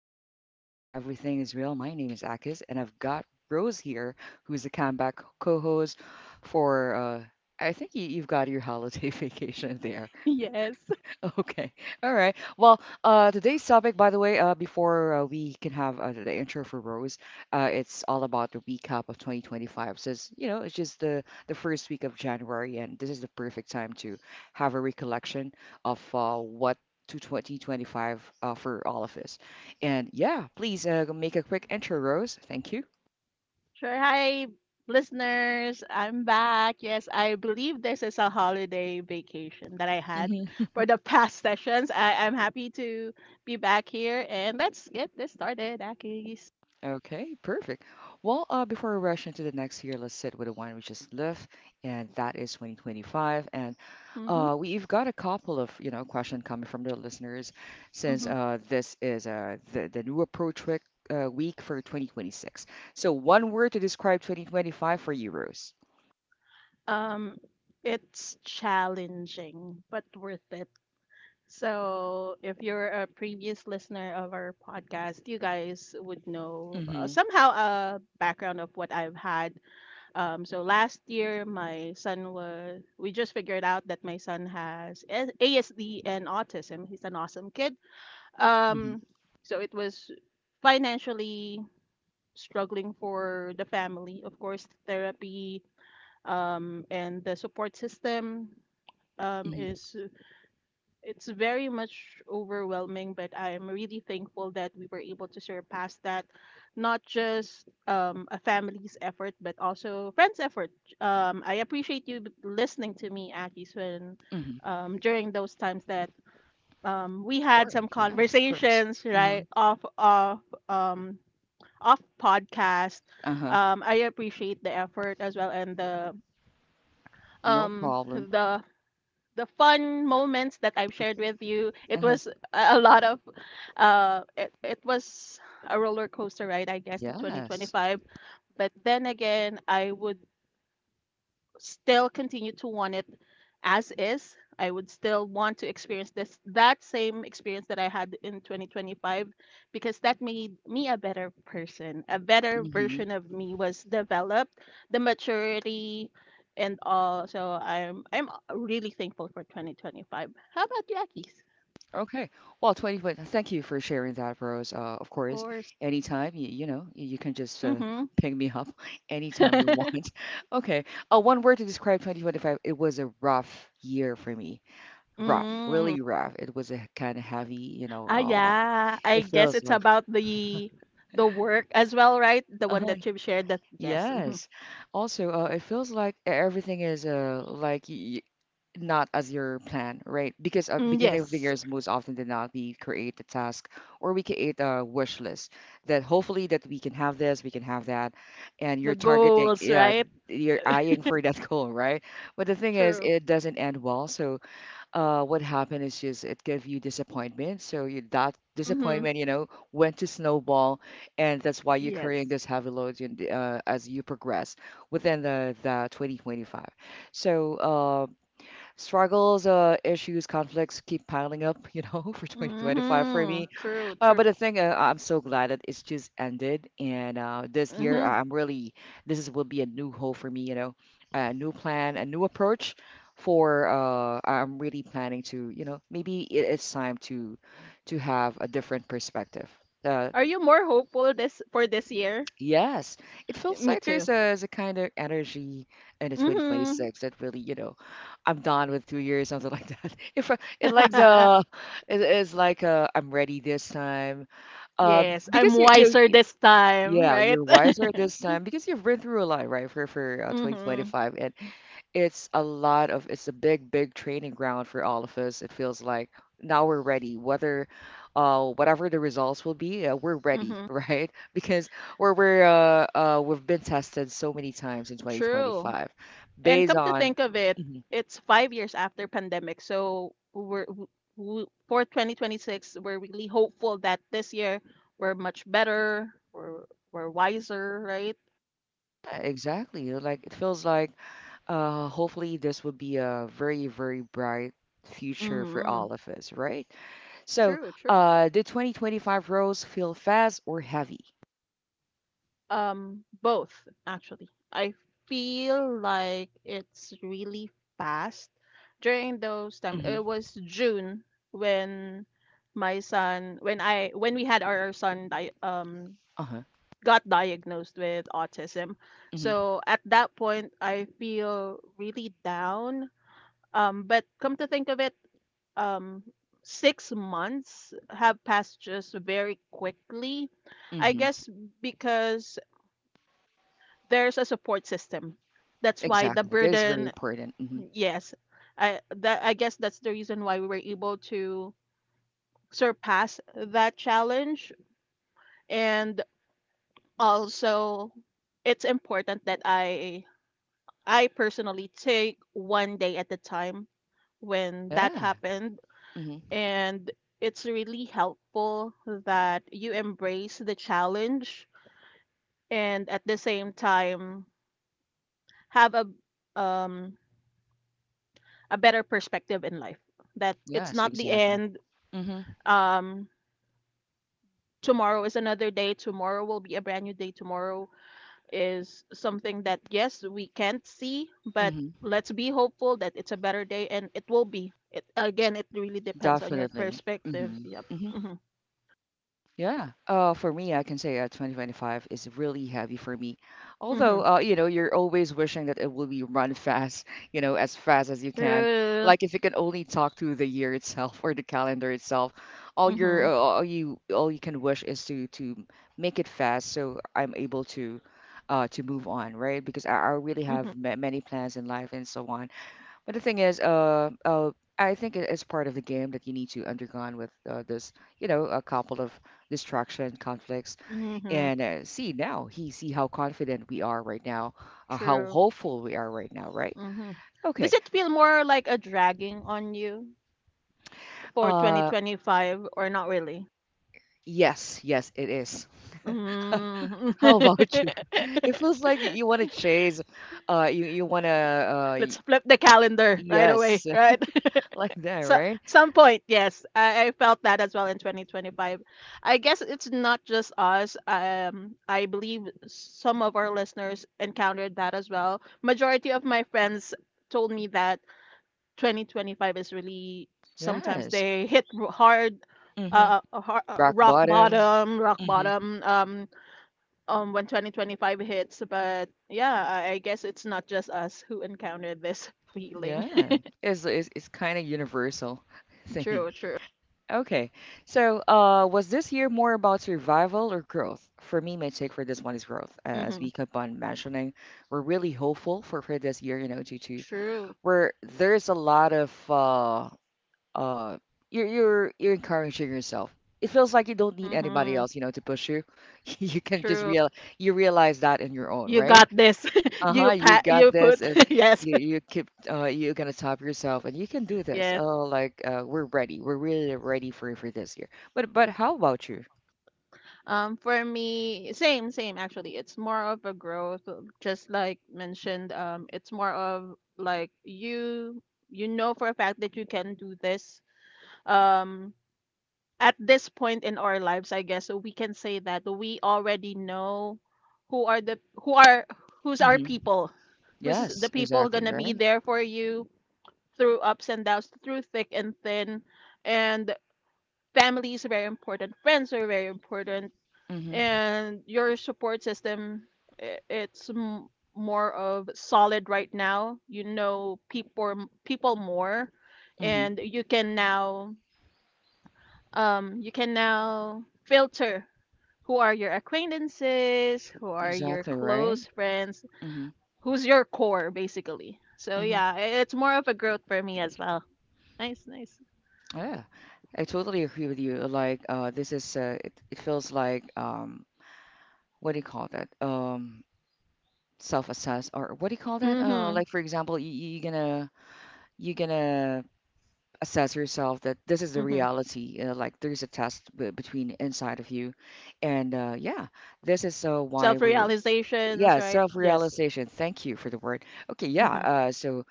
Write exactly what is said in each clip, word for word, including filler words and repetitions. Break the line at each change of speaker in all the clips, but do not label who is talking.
vibe stay smooth and everything is real. My name is Akis and I've got Rose here, who's the comeback co-host for uh I think you, you've got your holiday vacation there.
Yes.
Okay. All right. Well, uh, today's topic, by the way, uh, before uh, we can have uh, the intro for Rose, uh, it's all about the recap of twenty twenty-five. Since, you know, it's just the, the first week of January, and this is the perfect time to have a recollection of uh, what to twenty twenty-five uh, for all of us. And yeah, please uh, make a quick intro, Rose. Thank you.
Sure. Hi, listeners. I'm back. Yes, I believe this is a holiday vacation that I had
Hmm.
for the past sessions. I, I'm happy to be back here, and let's get this started, Akis.
Okay, perfect. Well, uh, before we rush into the next year, let's sit with the one we just left, and that is twenty twenty-five. And
Mm-hmm.
uh, we've got a couple of, you know, question coming from the listeners since
Mm-hmm.
uh, this is uh, the, the new approach week, uh, week for twenty twenty-six. So one word to describe twenty twenty-five for you, Rose.
Um, it's challenging, but worth it. So, if you're a previous listener of our podcast, you guys would know uh,
Mm-hmm.
somehow a background of what I've had. Um, so last year, my son was, we just figured out that my son has A- ASD and autism. He's an awesome kid.
Mm-hmm.
Um, so it was financially struggling for the family. Of course, therapy, um, and the support system, um,
Mm-hmm.
is it's very much overwhelming, but I'm really thankful that we were able to surpass that, not just um, a family's effort, but also friends' effort. Um, I appreciate you b- listening to me, Akis, when,
Mm-hmm.
um, during those times that, um, we
Of
had
course.
some
Yeah, of course.
conversations,
Mm-hmm.
right, off off um, off podcast.
Uh-huh.
Um, I appreciate the effort as well, and the
No
um
problem.
the the fun moments that I've shared with you. It
Uh-huh.
was a a lot of, uh, it, it was a roller coaster ride, I guess, in
Yes.
twenty twenty-five. But then again, I would still continue to want it as is. I would still want to experience this that same experience that I had in twenty twenty-five, because that made me a better person. A better
Mm-hmm.
version of me was developed, the maturity and all. So I'm I'm really thankful for twenty twenty-five. How about you, Akis?
Okay. Well, twenty, but thank you for sharing that, Rose. Uh, of
Of
course,
course.
anytime you, you know, you can just uh,
Mm-hmm.
ping me up anytime you want. Okay. Uh, one word to describe two thousand twenty-five, it was a rough year for me. Rough,
Mm.
really rough. It was a kind of heavy, you know,
Ah,
uh,
yeah. I
it
guess
feels
it's
like,
about the the work as well, right? The one
Uh-huh.
that you've shared, that yes. Mm-hmm.
Yes. Also, uh, it feels like e, everything is uh like y not as your plan, right? Because uh,
Mm,
beginning of the
yes,
years, most often than not, we create a task or we create a wish list that hopefully that we can have this, we can have that, and
the
you're targeting,
goals,
yeah,
right?
you're eyeing for that goal, right? But the thing is,
True.
it doesn't end well, so uh, what happened is just it gave you disappointment. So you, that
Mm-hmm.
disappointment, you know, went to snowball, and that's why you're carrying
Yes.
this heavy load in, the- uh, as you progress within the, the twenty twenty-five. So uh, struggles, uh, issues, conflicts keep piling up, you know, for twenty twenty-five for
Mm-hmm.
me.
True,
Uh,
true.
but the thing, uh, I'm so glad that it's just ended, and uh, this year, uh,
Mm-hmm.
I'm really this is will be a new hope for me, you know, a new plan, a new approach for uh, I'm really planning to, you know, maybe it, it's time to to have a different perspective. Uh,
Are you more hopeful this for this year?
yes, it feels
Me
like
too.
there's a, there's a kind of energy in the
Mm-hmm.
two thousand twenty-six that really, you know, I'm done with two years, something like that. If I- it like the it is like uh, I'm ready this time. Uh,
Yes, I'm
because you, you,
wiser
you-
this time,
Yeah,
right?
you're wiser this time because you've been through a lot, right? For for uh,
Mm-hmm.
twenty twenty-five, and it's a lot of it's a big, big training ground for all of us. It feels like now we're ready, whether uh whatever the results will be, uh, we're ready,
Mm-hmm.
right? Because we're we're uh, uh we've been tested so many times in
True.
twenty twenty-five,
And
based
come to
on.
think of it,
Mhm.
it's five years after pandemic. So we're w- w- for twenty twenty-six, we're really hopeful that this year we're much better, we're we're wiser, right?
Yeah, exactly, like it feels like Uh, Hopefully, this will be a very, very bright future for
Mm-hmm.
all of us, right? So,
True, true.
uh, do twenty twenty-five roles feel fast or heavy?
Um, both actually. I feel like it's really fast. During those time, it
Mm-hmm.
was June when my son, when I, when we had our son, di- um,
Uh-huh.
got diagnosed with autism.
Mm-hmm.
So at that point, I feel really down. Um, but come to think of it, um, six months have passed just very quickly. I
Mm-hmm.
guess because there's a support system. That's why the
Exactly. That is very
burden,
important. Mm-hmm.
yes, I that I guess that's the reason why we were able to surpass that challenge. And also, it's important that I I personally take one day at a time when that
Yeah.
happened.
Mm-hmm.
And it's really helpful that you embrace the challenge, and at the same time have a um a better perspective in life, that it's
Yes,
not the
exactly.
end.
Mm-hmm.
um Tomorrow is another day, tomorrow will be a brand new day, tomorrow is something that, yes, we can't see, but
Mm-hmm.
let's be hopeful that it's a better day, and it will be. It again, it really depends on your
Definitely.
perspective.
Mm-hmm.
Yep.
Mm-hmm.
Mm-hmm.
Yeah. Uh, for me, I can say uh, twenty twenty-five is really heavy for me.
Mm-hmm.
Although, uh, you know, you're always wishing that it will be run fast, you know, as fast as you can.
True.
Like if you can only talk to the year itself or the calendar itself, all your
Mm-hmm.
uh, all you all you can wish is to to make it fast so I'm able to uh to move on, right? Because I, I really have
Mm-hmm.
ma many plans in life and so on. But the thing is, uh, uh, I think it is part of the game that you need to undergone with uh, this, you know, a couple of distraction conflicts.
Mm-hmm.
And uh, see now, he see how confident we are right now, or how
True.
hopeful we are right now, right?
Mm-hmm. Does
Okay.
it feel more like a dragging on you for
Uh,
twenty twenty-five, or not really?
yes, yes, it is. How about
Mm-hmm.
you? It feels like you want to chase, uh, you you want to, uh,
Let's
y-
flip the calendar right away,
Yes,
right?
like that,
So,
right?
some point, yes, I, I felt that as well in twenty twenty-five. I guess it's not just us. Um, I believe some of our listeners encountered that as well. Majority of my friends told me that twenty twenty-five is really sometimes
Yes.
they hit r- hard,
Mm-hmm.
uh, uh, har- uh,
Rock
rock
bottom.
bottom, rock
Mm-hmm.
bottom. Um, um when twenty twenty-five hits. But yeah, I, I guess it's not just us who encountered this feeling.
Yeah, it's it's, it's kind of universal thingy.
True, true.
Okay, so uh, was this year more about survival or growth? For me, my take for this one is growth. Uh, As
Mm-hmm.
we kept on mentioning, we're really hopeful for for this year, you know, due to
True.
where there's a lot of uh uh you're you're you're encouraging yourself. It feels like you don't need anybody
Mm-hmm.
else, you know, to push you. You can just
True.
real you realize that in your own,
You
right?
got this.
Uh-huh,
you
you
pat
got
you
this.
put
Is
Yes.
you you keep uh you're gonna top yourself and you can do this.
Yes.
Oh, like uh we're ready. We're really ready for for this year. But but how about you?
Um for me, same, same, actually. It's more of a growth, uh, just like mentioned. Um it's more of like you you know, for a fact that you can do this. Um at this point in our lives, I guess we can say that we already know who are the who are who's our
Mm-hmm.
people, who's the
Yes,
people
exactly,
gonna be
right?
there for you through ups and downs, through thick and thin. And family is very important, friends are very important,
Mm-hmm.
and your support system, i- it's m- more of solid right now. You know people people more.
Mm-hmm.
And you can now um, you can now filter who are your acquaintances, who are your
Exactly, right?
close friends,
Mm-hmm.
who's your core, basically. So
Mm-hmm.
yeah, i- it's more of a growth for me as well. Nice, nice.
Yeah. I totally agree with you. Like uh this is uh it, it feels like um What do you call that? Um self-assess or what do you call that? Uh
Mm-hmm.
like for example, you you gonna you gonna assess yourself that this is the
Mm-hmm.
reality. Uh, like there's a test b- between inside of you, and uh, yeah, this is uh, why
Self
we're
realizations,
yeah,
right? Yes.
self-realization. Thank you for the word. Okay, yeah.
Mm-hmm.
Uh, so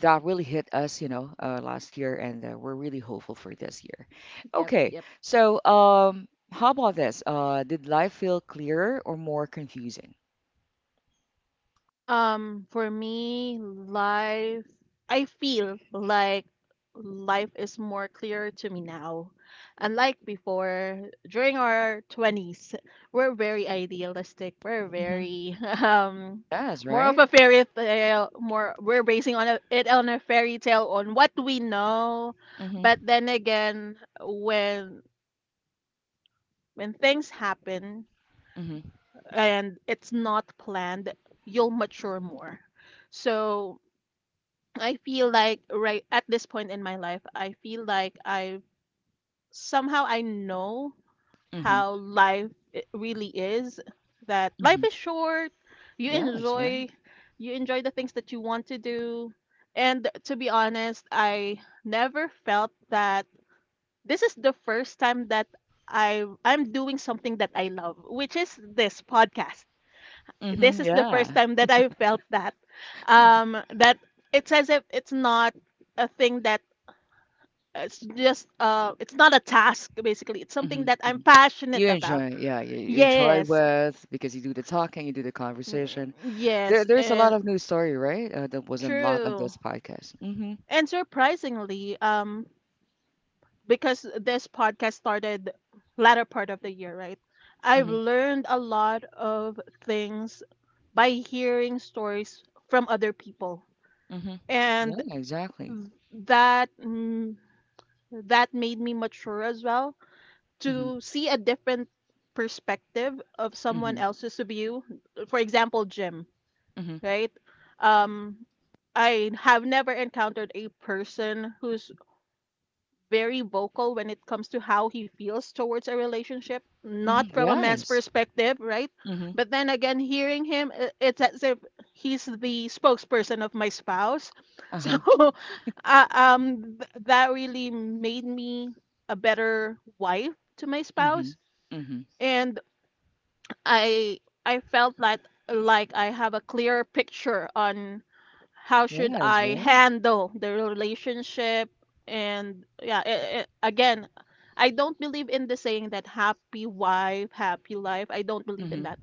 that really hit us, you know, uh, last year, and uh, we're really hopeful for this year.
Yep.
Okay,
Yep.
so um, how about this? Uh, did life feel clearer or more confusing?
Um, for me, life, I feel like life is more clear to me now. Unlike before, during our twenties, we're very idealistic. We're
Mm-hmm.
very, um,
Yes,
more of
right.
a fairy tale, more, we're basing on a, it on a fairy tale on what we know. But
Mm-hmm.
then again, when when things happen
Mm-hmm.
and it's not planned, you'll mature more. So, I feel like right at this point in my life, I feel like I somehow I know
Mm-hmm.
how life i- really is. That
Mm-hmm.
life is short. You
Yes, right.
enjoy, you enjoy the things that you want to do. And to be honest, I never felt that this is the first time that I I'm doing something that I love, which is this podcast. This
Mm-hmm.
is the first
Yeah.
time that I felt that. Um, that it's as if it's not a thing, that it's just uh it's not a task. Basically, it's something that I'm
Mm-hmm.
passionate
You
about.
enjoy, yeah, you, you enjoy
Yes.
with because you do the talking, you do the
Mm,
conversation. There,
yes,
there's a lot
and
of new story, right? Uh, that was unlocked on
true.
this podcast. Mm-hmm,
And surprisingly, um because this podcast started latter part of the year, right, I've
mm-hmm,
learned a lot of things by hearing stories from other people.
mm-hmm. Yeah,
And
exactly.
that mm, that made me mature as well,
Mm-hmm,
to see a different perspective of someone
mm-hmm,
else's view, for example Jim,
mm-hmm,
right. Um i have never encountered a person who's very vocal when it comes to how he feels towards a relationship,
mm-hmm.
not from a man's
Yes.
perspective, right?
Mm-hmm.
But then again, hearing him, i- it's as if he's the spokesperson of my spouse.
Uh-huh.
So, uh, um, th- that really made me a better wife to my
Mm-hmm,
spouse.
mm-hmm.
And I I felt like like I have a clear picture on how should
Yes,
I
right?
handle the relationship. And yeah, it, again, I don't believe in the saying that happy wife happy life. I don't believe in
Mm-hmm,
that,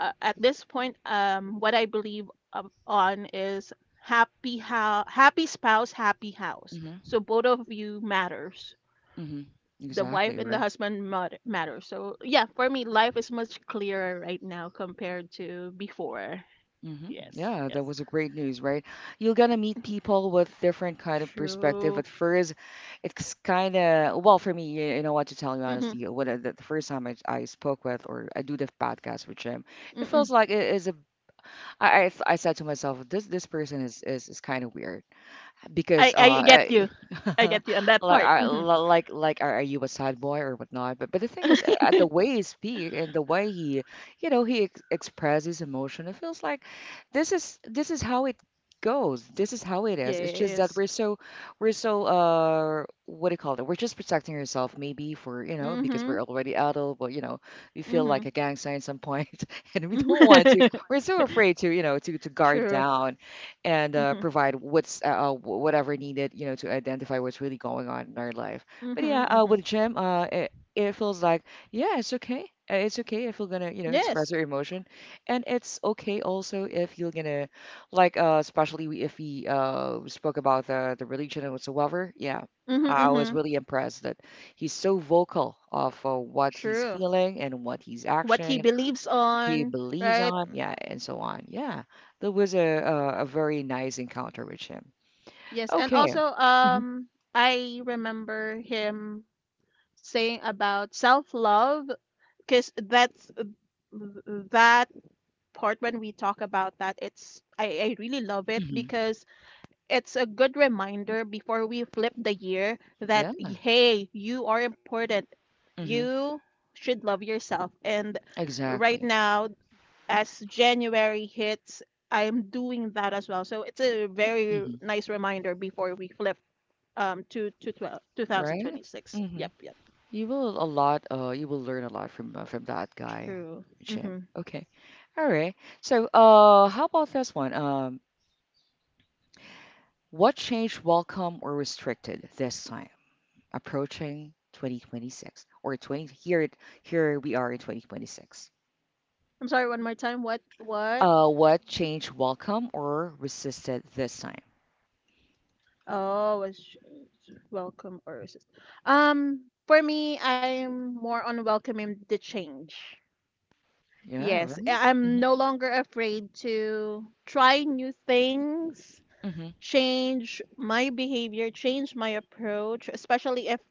uh, at this point. Um what I believe of- on is happy how happy spouse, happy house.
mm-hmm,
So both of you matters,
mm-hmm.
the wife
Exactly,
and the
right?
husband mat- matter. So yeah, for me, life is much clearer right now compared to before.
Hmm.
Yes,
Yeah, that
yes,
was a great news, right? You're gonna meet people with different kind of perspective.
true.
At first, it's kind of well for me. You, you know what, to tell you
Mm-hmm,
honestly. What I- the, the first time I, I spoke with or I do the podcast with Jim, it
mm-mm.
feels like it is a. I I, I said to myself, this this person is is, is kind of weird
I
because uh
I get
I-
you. I get you on that
like
part.
I
Hmm.
li- like like are are you a sad boy or whatnot? But but the thing is, uh, the way he speak and the way he you know he ex expresses emotion, it feels like this is, this is how it goes. This is how it is. It's just that
Yes.
we're so we're so uh what do you call it, we're just protecting yourself maybe for you know because
Mm-hmm.
we're already adult, but you know we feel
Mm-hmm.
like a gangster at some point, and we don't want to. We're so afraid to, you know to to guard
True.
down and uh,
Mm-hmm.
provide what's uh, uh, wh- whatever needed, you know, to identify what's really going on in our life.
Mm-hmm.
But yeah, uh,
Mm-hmm.
with Jim, uh, it, it feels like, yeah, it's okay. Uh, It's okay if you're gonna, you know, express
Yes.
your emotion, and it's okay also if you're gonna, like, uh, especially we- if we uh spoke about the the religion and whatsoever. Yeah,
Mm-hmm.
I I was
Mm-hmm.
really impressed that he's so vocal of uh, what he's
True.
feeling and what he's
What he
action
believes
he
on,
believes
right?
on, yeah, and so on. Yeah, that was a a, a very nice encounter with him.
Yes, and
Okay.
also,
Hmm.
um, I remember him saying about self love, because that's that part, when we talk about that, it's I, I really love it,
Hmm.
because it's a good reminder before we flip the year, that
Yeah.
hey, you are important,
Hmm.
you should love yourself. And right
Exactly.
now, as January hits, I am doing that as well, so it's a very
Hmm.
nice reminder before we flip, um to to twelve two thousand
Right.
twenty-six.
Hmm.
Yep, yep.
You will a lot. Uh, you will learn a lot from uh, from that guy,
True.
Jim. Okay. All right. So, uh, how about this one? Um, what changed welcome or restricted this time approaching twenty twenty-six or twenty here it- here we are in twenty twenty-six.
I'm sorry, one more time. What? What?
Uh, what change welcome or resisted this time?
Oh, was sh- welcome or resist. Um, for me, I'm more on welcoming the change.
Yeah,
Yes,
right.
I- I'm
Mhm,
no longer afraid to try new things,
mhm,
change my behavior, change my approach, especially if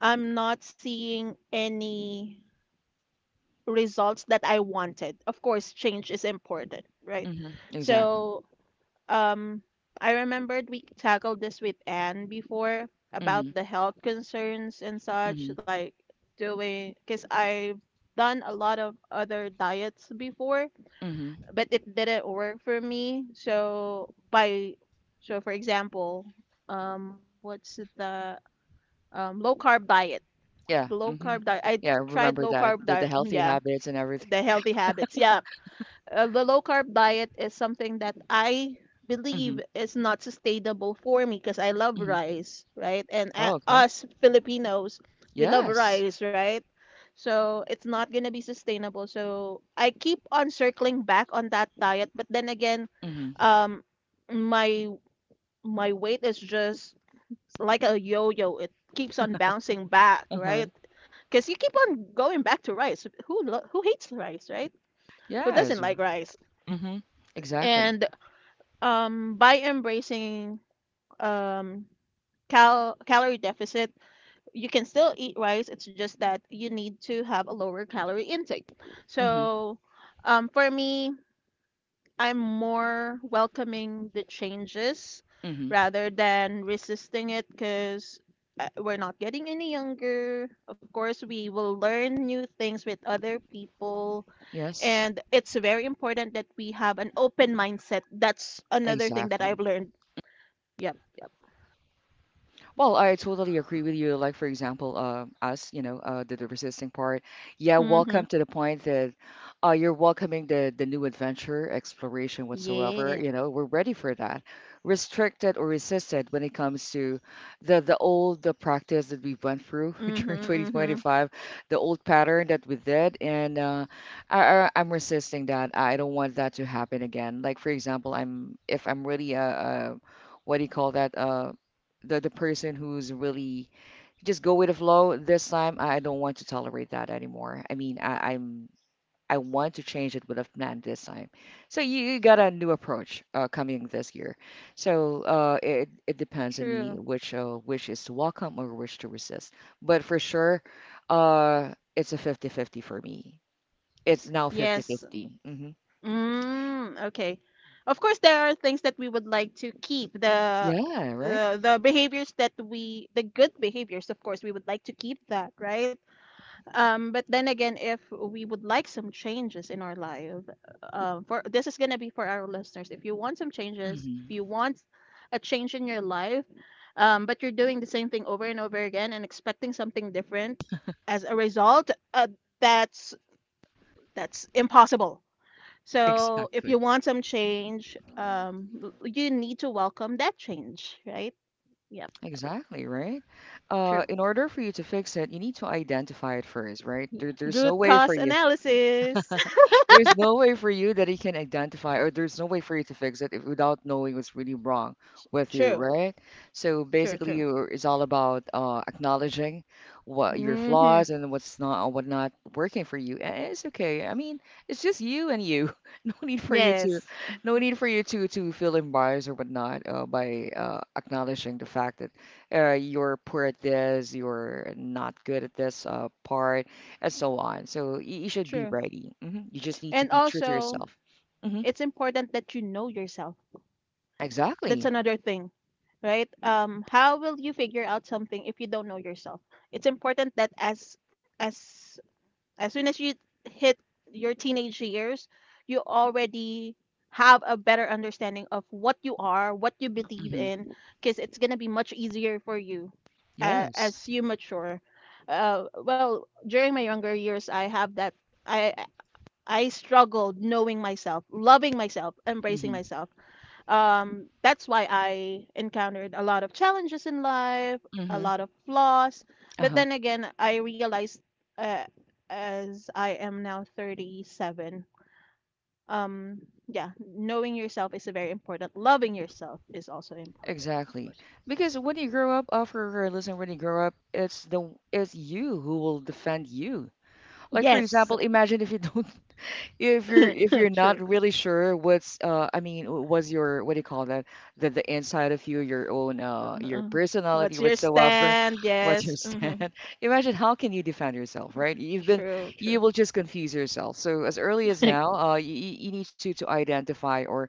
I'm not seeing any results that I wanted. Of course, change is important, right?
mhm. Exactly.
So, Um, I remembered we tackled this with Anne before about
Mhm,
the health concerns and such,
mhm,
like doing, because I've done a lot of other diets before,
mhm.
but it didn't work for me. So by, so for example, um, what's it, the um, low carb diet? The
Yeah,
low carb
mhm.
diet. I
Yeah, I
tried low
remember that
carb
the,
diet.
the
Mm,
healthy
yeah,
habits and everything.
the healthy habits. Yeah, uh, the low carb diet is something that I believe
Mhm,
is not sustainable for me, because I love
mhm.
rice, right? And
Oh,
a
okay.
us Filipinos, we love
Yes.
rice, right? So it's not going to be sustainable. So I keep on circling back on that diet, but then again,
Mhm.
um, my my weight is just like a yo-yo. It keeps on bouncing back,
Uh-huh.
right? Because you keep on going back to rice. Who lo who hates rice, right? Who doesn't
Yes.
like rice?
Mhm. Exactly.
And um, by embracing, um, cal calorie deficit, you can still eat rice. It's just that you need to have a lower calorie intake.
Mhm,
So, um, for me, I'm more welcoming the changes
mhm.
rather than resisting it, because we're not getting any younger. Of course, we will learn new things with other people.
Yes.
And it's very important that we have an open mindset. That's another thing that
Exactly.
I've learned. Yep, yep.
Well, I totally agree with you. Like, for example, uh, us, you know, uh, the, the resisting part. Yeah,
Mm-hmm.
welcome to the point that uh, you're welcoming the, the new adventure, exploration, whatsoever.
Yeah.
You know, we're ready for that. Restricted or resisted when it comes to the, the old the practice that we went through
Mm-hmm.
during
Mm-hmm.
twenty twenty-five, the old pattern that we did. And uh, I, I, I'm resisting that. I don't want that to happen again. Like, for example, I'm if I'm really a, a what do you call that? Uh, the the person who's really just go with the flow. This time, I don't want to tolerate that anymore. I mean, I, I'm I want to change it with a plan this time. So you, you got a new approach uh, coming this year. So uh, it it depends on me
True.
which uh, which is to welcome or which to resist. But for sure, uh, it's a fifty fifty for me. It's now fifty
Yes.
fifty 50. hmm
Mm, okay. Of course, there are things that we would like to keep. The
Yeah, right.
the the behaviors that we the good behaviors, of course, we would like to keep that, right? Um, but then again, if we would like some changes in our life, uh, for this is gonna be for our listeners. If you want some changes, if
hmm
you want a change in your life, um, but you're doing the same thing over and over again and expecting something different as a result, uh, that's that's impossible. So if
Exactly.
you want some change, um, you need to welcome that change, right? Yep,
Exactly, right? Uh,
true.
in order for you to fix it, you need to identify it first, right?
Y-
There, there's no
Root
way for
cause
you.
analysis.
There's no way for you that he can identify, or there's no way for you to fix it if, without knowing what's really wrong with you,
True,
right? So
true,
basically,
true.
you it's all about uh, acknowledging what your
Hmm
flaws and what's not what not working for you. And it's okay. I mean, it's just you and you. No need for you to,
Yes,
no need for you to to feel embarrassed or whatnot uh, by uh, acknowledging the fact that uh, you're poor at this, you're not good at this uh, part and so on. So y- you should be
true.
ready. hmm You just need to
And
be true to
also,
yourself. hmm
it's important that you know yourself. That's
Exactly.
another thing, right? Um, how will you figure out something if you don't know yourself? It's important that as as as soon as you hit your teenage years, you already have a better understanding of what you are, what you believe
hmm
in, because it's gonna be much easier for you uh,
Yes.
as you mature. Uh, well, during my younger years, I have that. I I struggled knowing myself, loving myself, embracing
hmm
myself. Um, that's why I encountered a lot of challenges in life, a
hmm
lot of flaws. But
Uh-huh.
then again, I realized uh, as I am now thirty-seven. um, yeah, knowing yourself is very important. Loving yourself is also important. Of
Exactly.
course.
Because when you grow up, uh, for our listener, when you grow up, it's the it's you who will defend you. Like, for
Yes,
example, imagine if you don't. If you're if you're not
true.
really sure what's uh I mean w- was your what do you call that, the the inside of you, your own uh your
Uh,
personality
what's your
whatsoever,
stand?
what's your
Yes, hmm
stand? Imagine how can you defend yourself, right? You've been,
true, true.
you will just confuse yourself. So as early as now, uh you, you you need to to identify, or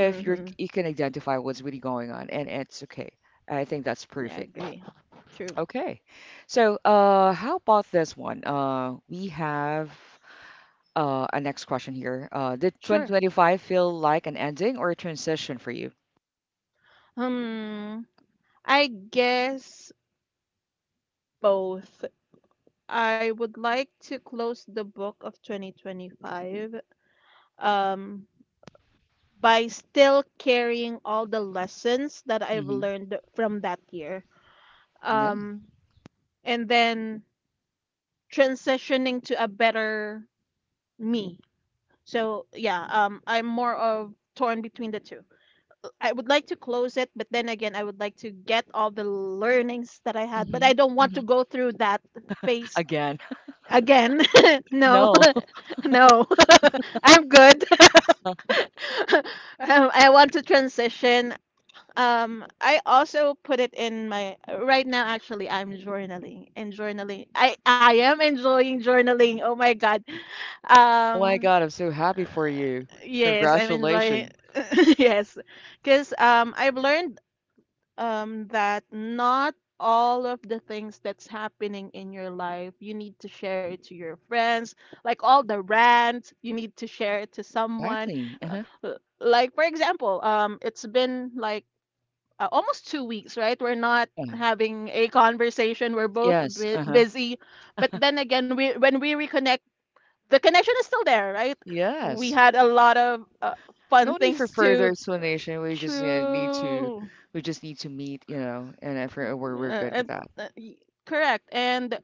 you're
hmm
you can identify what's really going on, and it's okay. I think that's
Yeah, I
perfect.
agree. True.
Okay, so uh how about this one? Uh we have uh, a next question here. Uh, did
Sure.
twenty twenty-five feel like an ending or a transition for you?
Um, I guess both. I would like to close the book of twenty twenty-five um, by still carrying all the lessons that I've
hmm
learned from that year.
Yeah.
Um, and then transitioning to a better me. So, yeah, um, I'm more of torn between the two. I would like to close it, but then again, I would like to get all the learnings that I had, but
hmm
I don't want to
hmm
go through that phase
Again,
again. No,
no.
no, I'm good. Um, I want to transition. Um, I also put it in my right now. Actually, I'm journaling and journaling. I I am enjoying journaling. Oh my God.
Oh my
Um,
God, I'm so happy for
uh,
you.
yes, I'm enjoying.
Congratulations.
Yes, because um, I've learned um, that not all of the things that's happening in your life, you need to share it to your friends. Like all the rant, you need to share it to someone.
Exactly.
Uh,
Uh-huh.
uh, Like, for example, um, it's been like uh, almost two weeks, right? We're not
Yeah.
having a conversation. We're both
Yes.
bu-
Uh-huh.
busy. But then again, we when we reconnect, the connection is still there, right? We
Yes.
had a lot of uh, fun
No need for
things
further
to.
explanation. We just uh, need to,
True.
we just need to meet, you know, and if we're,
Uh,
we're we're good with
and,
that.
uh, y- correct. And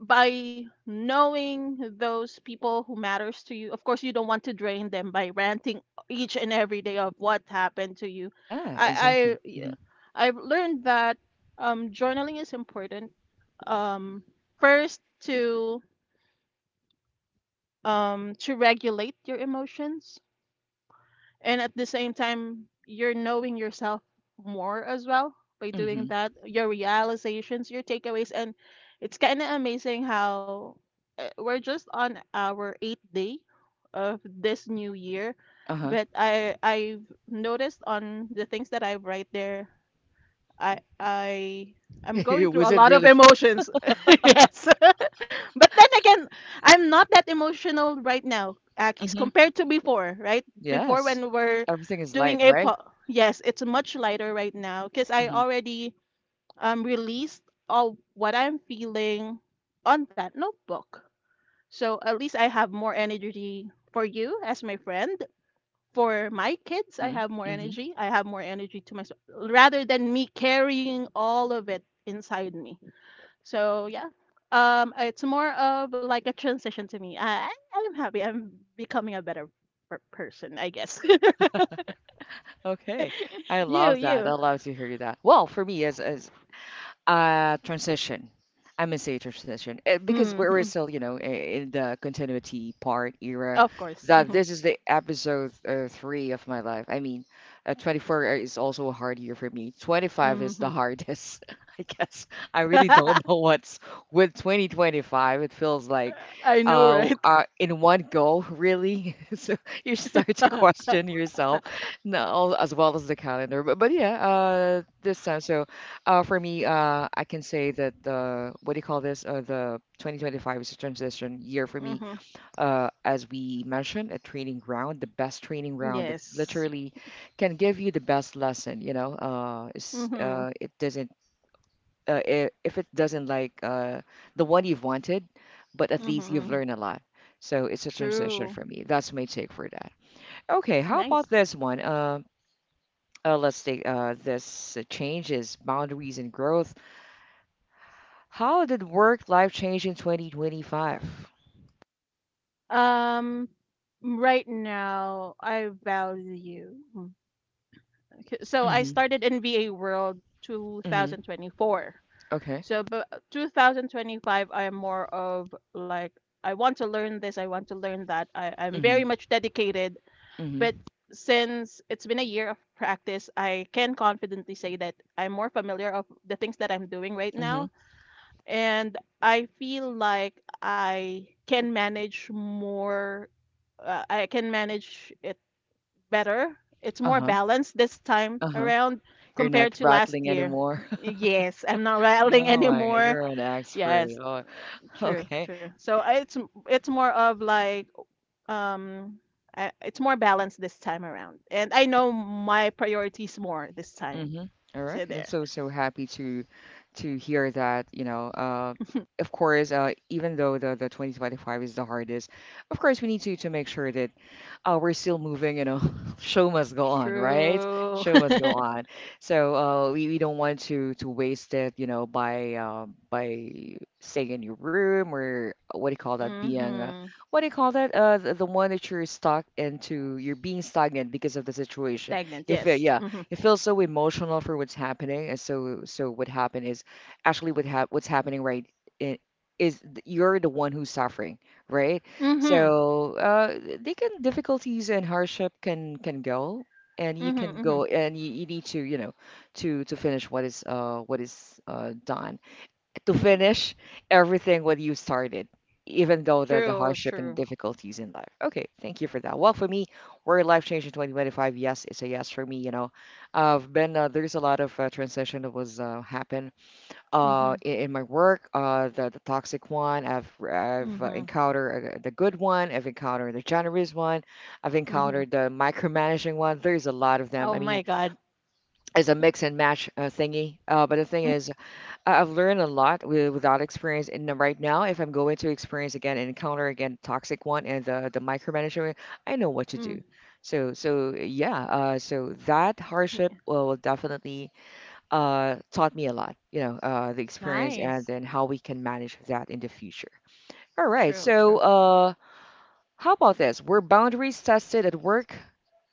by knowing those people who matters to you, of course, you don't want to drain them by ranting each and every day of what happened to you.
Yeah,
I I
exactly.
yeah,
hmm
I've learned that um, journaling is important. Um, First to um, to regulate your emotions. And at the same time, you're knowing yourself more as well by doing
hmm
that, your realizations, your takeaways. And it's kind of amazing how uh, we're just on our eighth day of this new year.
Uh-huh.
But I I've noticed on the things that I write there, I I I'm going through
Was
a
it
lot of
really?
emotions. Yes. But then again, I'm not that emotional right now, Akis,
Mm-hmm.
compared to before, right? Before
Yes.
when we were
Everything is light,
doing a
right?
po yes, it's much lighter right now because I
Mhm,
already um released all what I'm feeling on that notebook. So at least I have more energy for you as my friend. For my kids, I
mhm,
have more
mhm.
energy. I have more energy to myself rather than me carrying all of it inside me. So yeah, um, it's more of like a transition to me. I I- I'm happy. I'm becoming a better per- person, I guess.
Okay, I
you,
love that. I
you.
love to hear that. Well, for me, as as Uh, transition. I may say transition, eh, because we're we're
Hmm
still, you know, i- in the continuity part era.
Of course.
That
Hmm
this is the episode uh, three of my life. I mean, uh, twenty-four is also a hard year for me. twenty-five is the
hmm
hardest, I guess. I really don't know what's with twenty twenty-five. It feels like,
I know,
uh,
right?
uh in one go, really. So you start to question yourself, no, as well as the calendar. But but yeah, uh, this time so. Uh, for me, uh, I can say that the what do you call this? Uh, the twenty twenty-five is a transition year for me.
hmm
Uh, as we mentioned, a training ground, the best training ground that
Yes.
literally can give you the best lesson. You know, uh, it's,
hmm
uh, it doesn't uh, I if it doesn't like uh, the one you've wanted, but at least you've
hmm
learned a lot. So it's a transition
True.
for me. That's my take for that. Okay, how about
Nice.
this one? Uh, uh, let's take uh, this uh, changes, boundaries, and growth. How did work life change in twenty twenty-five?
Um, right now I value. Mm, okay, so I
Mm-hmm.
started in V A World
Mm-hmm.
twenty twenty-four.
Okay.
So, but twenty twenty-five, I am more of like, I want to learn this, I want to learn that. I, I'm
Mm-hmm.
very much dedicated.
Mm-hmm.
But since it's been a year of practice, I can confidently say that I'm more familiar of the things that I'm doing right
Mm-hmm.
now. And I feel like I can manage more, uh, I can manage it better. It's more
Uh-huh.
balanced this time
Uh-huh.
around
You're not
compared to last
rattling
year.
anymore.
Yes, I'm not rattling
Oh my God,
anymore.
you're an expert.
Yes,
Oh,
true,
okay.
true. So I- it's m- it's more of like um I, it's more balanced this time around. And I know my priorities more this time.
Mm-hmm. All right.
See
I'm
there.
so so happy to to hear that, you know, uh of course, uh even though the the twenty twenty-five is the hardest, of course we need to to make sure that uh we're still moving, you know. Show must go on, right?
True.
Show must go on. So, uh we, we don't want to to waste it, you know, by uh, by staying in your room or what do you call that, being uh,
Mm-hmm.
what do you call that? Uh the, the one that you're stuck into, you're being stagnant because of the situation.
Stagnant,
If uh,
yes.
yeah,
Mm-hmm.
it feels so emotional for what's happening. And so, so what happened is actually what hap what's happening right i- is th- you're the one who's suffering, right?
Mm-hmm.
So, uh, they can difficulties and hardship can can go, and you can
Mm-hmm. Mm-hmm.
go, and you, you need to, you know, to to finish what is uh what is uh done, to
Mm-hmm.
finish everything what you started, even though the, the
True,
hardship and
true.
difficulties in life. Okay, thank you for that. Well, for me, where life changed in twenty twenty-five, yes, it's a yes for me. You know, I've been uh, there's a lot of uh, transition that was uh, happen uh,
Mm-hmm.
in, in my work. Uh, the, the toxic one, I've I've uh,
Mm-hmm.
encountered uh, the good one. I've encountered the generous one. I've
Mm-hmm.
encountered the micromanaging one. There's a lot of them. I
Oh
mean,
my God.
it's a mix and match uh, thingy. Uh, but the thing is, I- I've learned a lot with, without experience. And then right now, if I'm going to experience again and encounter again the toxic one and the the micromanagement, I know what to
Mm.
do. So so yeah. Uh, so that hardship
Yeah.
uh, will definitely uh taught me a lot. You know, uh, the experience and
Nice.
then how we can manage that in the future. All right.
True, true.
So uh, how about this? Were boundaries tested at work?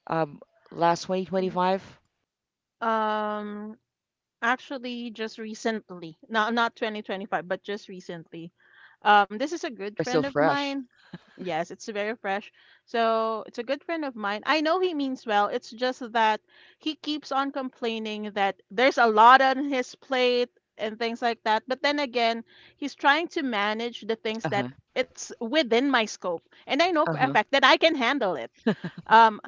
Um, last twenty twenty-five
Mm-hmm. Um, Actually, just recently. Not not twenty twenty-five, but just recently. Um, this is a good
are
friend
still
of
fresh.
mine. Yes, it's very fresh. So it's a good friend of mine. I know he means well. It's just that he keeps on complaining that there's a lot on his plate and things like that. But then again, he's trying to manage the
Uh
things
huh.
that it's within my scope. And I know
Uh
for a
huh.
fact that I can handle it. Um,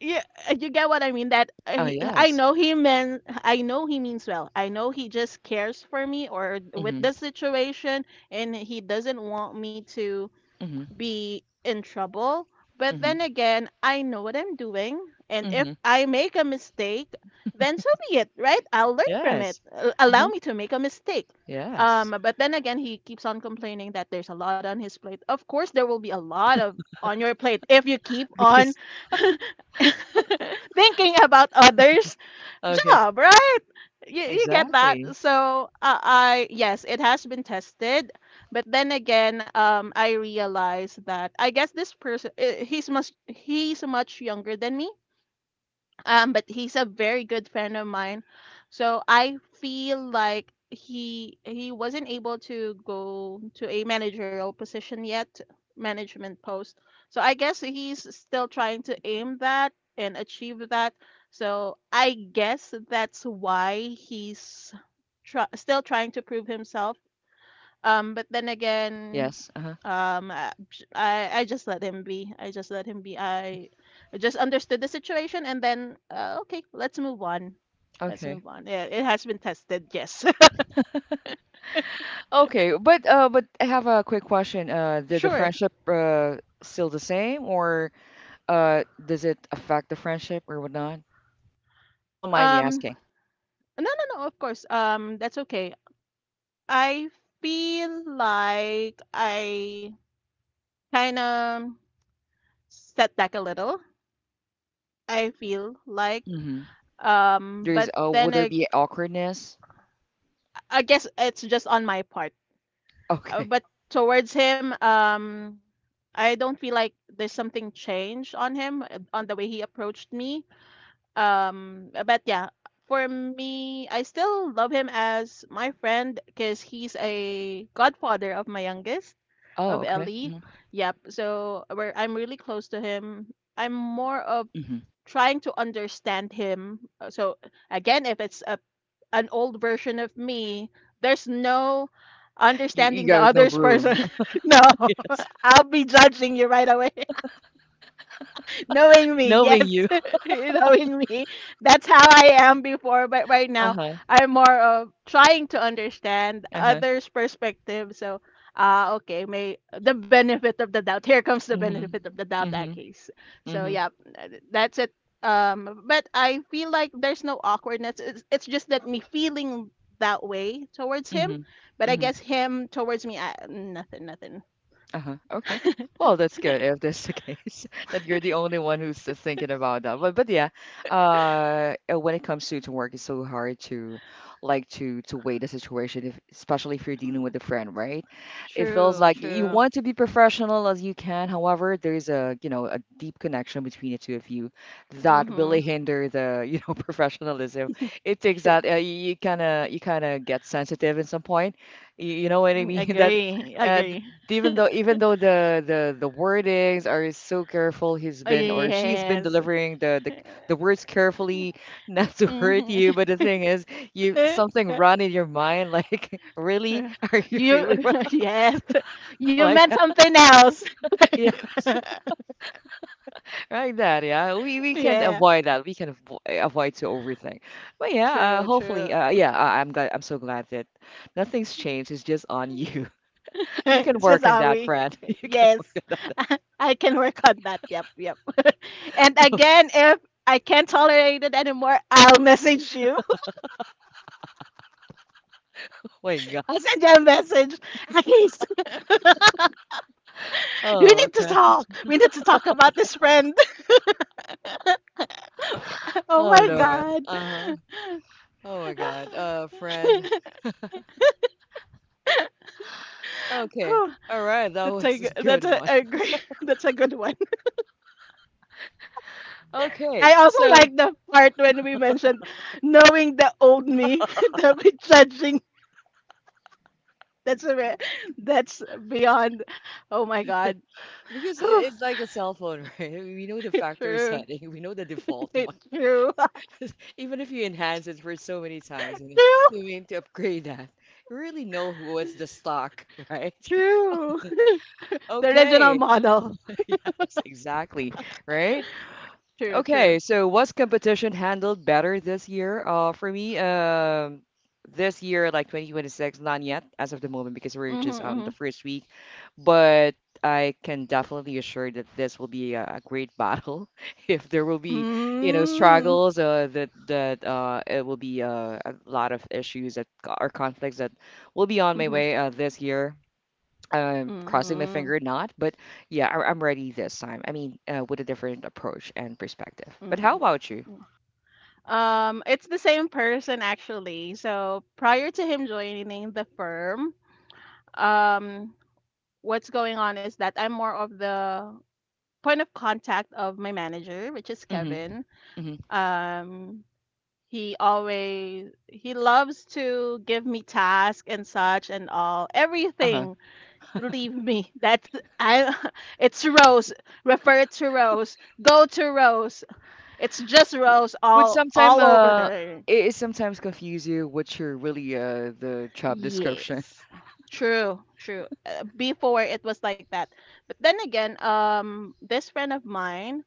yeah, uh, you get what I mean. That uh,
Oh
he, I
yes.
know he meant, I know he means well. I know he just cares for me or with
Mhm.
the situation, and he doesn't want me to
Mhm.
be in trouble. But
Mhm.
then again, I know what I'm doing. And if
Mhm.
I make a mistake, then so be it, right? I'll learn from it.
Yes.
Uh, Allow
Uh-huh.
me to make a mistake.
Yes.
Um, but then again, he keeps on complaining that there's a lot on his plate. Of course, there will be a lot of on your plate if you keep on
Because
thinking about others
okay,
job, right? You, you get that.
exactly.
So uh, I yes, it has been tested, but then again, um, I realized that I guess this person uh, he's much he's much younger than me, um but he's a very good friend of mine, so I feel like he he wasn't able to go to a managerial position yet, management post. So I guess he's still trying to aim that and achieve that. So I guess that's why he's try still trying to prove himself. Um, but then again,
Yes. Uh-huh.
um, I, I I just let him be. I just let him be. I I just understood the situation, and then uh, okay, let's move on. Let's
Okay.
move on. Yeah, it has been tested. Yes,
Okay, but uh but I have a quick question. Uh did the
sure.
friendship uh still the same, or uh does it affect the friendship or whatnot? Don't mind me
Um,
asking.
no, no, no. Of course. Um, that's okay. I feel like I kind of set back a little. I feel like
Mm-hmm.
um,
There is,
but
oh, would
then
there
I,
be awkwardness?
I guess it's just on my part. Uh,
Okay.
but towards him, um, I don't feel like there's something changed on him uh, on the way he approached me. Um, uh, but yeah, for me, I still love him as my friend because he's a godfather of my youngest, of
Oh, okay.
Ellie.
Mm-hmm.
Yep. So we're, I'm really close to him. I'm more of
Mm-hmm.
trying to understand him. Uh, So again, if it's a an old version of me, there's no
You, you
understanding the
got no
other's
room.
person. No,
Yes.
I'll be judging you right away. Knowing me,
Knowing
yes,
you.
knowing me. That's how I am before, but right now
Uh-huh.
I'm more of trying to understand
Uh-huh.
others' perspective. So, uh, okay, may the benefit of the doubt. Here comes the
Mm-hmm.
benefit of the doubt, that
Mm-hmm.
case. So,
Mm-hmm.
yeah, th- that's it. Um, but I feel like there's no awkwardness. It's, it's just that me feeling that way towards him,
Mm-hmm.
but I
Mm-hmm.
guess him towards me, I, nothing, nothing.
Uh-huh. Okay. Well, that's good if that's the case that you're the only one who's uh, thinking about that. But but yeah, uh, uh, when it comes to to work, it's so hard to like to to weigh the situation, if, especially if you're dealing
Mm.
with a friend, right? It feels
True,
like you
true.
want to be professional as you can. However, there's a, you know, a deep connection between the two of you that
Mm-hmm.
really hinder the you know professionalism. It takes that, uh, you kind of you kind of get sensitive at some point. You, you know what I
Mm,
mean? That
agree,
uh, th-
agree.
even though even though the the the wordings are so careful, he's
Oh,
been or she's been
yes.
delivering the the, the words carefully, not to hurt you. But the thing is, you something run in your mind, like really, are you
You,
really
yes, you
like
meant
that?
something else.
Yes, like that. Yeah, we we can
Yeah,
avoid that. We can avo avoid to overthink. But yeah, uh,
true,
hopefully,
true.
uh, yeah, I, I'm glad. I'm so glad that nothing's changed. It's just on you. You can
It's just
work on
how
that,
we.
friend. You can work
Yes,
on that.
I can work on that. Yep, yep. And again, if I can't tolerate it anymore, I'll message you.
Oh my God.
I'll send you a message. At least we
Oh,
need to
okay.
talk. We need to talk about this friend. Oh
Oh
my
Lord.
god.
Uh-huh. Oh my God. Uh, friend. Okay.
Whew,
All right, that
that's a
was
g-
a
that's
good
a,
one.
a great, that's a good one. I
Okay.
also
So,
like the part when we mentioned knowing the old me that we judging. That's a re- that's beyond. Oh my god.
because i-
Whew,
it's like a cell phone, right? We know the factory
true.
setting, we know the default one.
True.
Even if you enhance it for so many times and you
True.
mean to upgrade that, you really know what's the stock, right?
True. The original
Okay.
model.
Yes, exactly. Right?
True.
Okay,
True.
so was competition handled better this year? Uh, for me, um, this year, like twenty twenty-six, not yet as of the moment because we're just on the
Mm-hmm,
first week, but I can definitely assure that this will be a, a great battle. If there will be, you know,
mm-hmm.
struggles, uh, that that uh, it will be uh, a lot of issues that co- or conflicts that will be on my
Mm-hmm. Mm-hmm.
way uh, this year, um, crossing my
Mm-hmm.
finger, not, but yeah, I, I'm ready this time. I mean, uh, with a different approach and perspective. But
Mm-hmm.
how about you?
Um, it's the same person actually. So prior to him joining the firm, um, what's going on is that I'm more of the point of contact of my manager, which is
Mm-hmm,
Kevin.
mm-hmm,
Um, he always he loves to give me tasks and such and all
uh-huh.
everything. Leave me. That's I. It's Rose. Refer it to Rose. Go to Rose. It's just
W-
Rose
would
all
sometime
all over
uh
there.
it, it sometimes confuse you what's your really uh the job description?
Yes. True, true. Uh, before it was like that. But then again, um this friend of mine,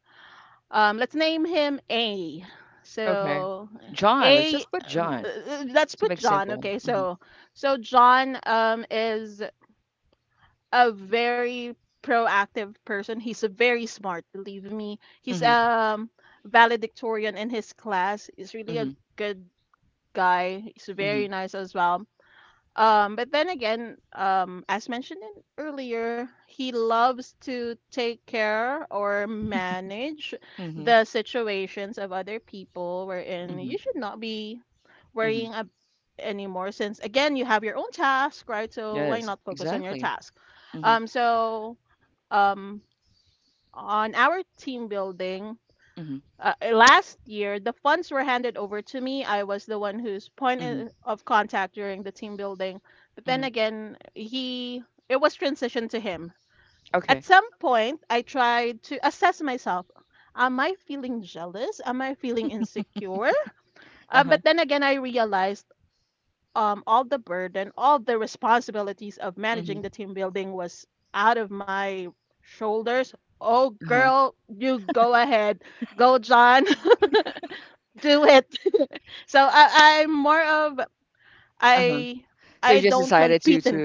um let's name him A.
Okay,
So
John, let's
A
just put
um, uh,
John
uh, let's
to
put
make
John,
simple.
okay?
Mm-hmm,
So so John um is a very proactive person. He's a very smart, believe me. He's
mm-hmm,
um valedictorian in his class. He's really
mm-hmm,
a good guy. He's
mm-hmm,
very nice as well, um, but then again, um, as mentioned in- earlier, he loves to take care or manage
mm-hmm,
the situations of other people, wherein
mm-hmm,
you should not be
mm-hmm.
worrying ab- anymore, since again, you have your own task, right? So why
Yes,
not focus on your
exactly.
task?
Mm-hmm,
Um, so um, on our team building,
mm-hmm,
uh, eh, last year the funds were handed over to me. I was the one whose point
mm-hmm,
I- of contact during the team building, but then
mm-hmm.
again, he it was transitioned to him. At
Okay.
some point I tried to assess myself: am I feeling jealous? Am I feeling insecure? Um,
Uh-huh.
but then again, I realized um, all the burden, all the responsibilities of
Mm-hmm.
managing the team building, was out of my shoulders. Oh
Uh-huh.
girl, you go ahead. Go John. Do it. So I, I'm more of,
Uh-huh.
I,
So you
I
just
don't
decided
compete
to to
in,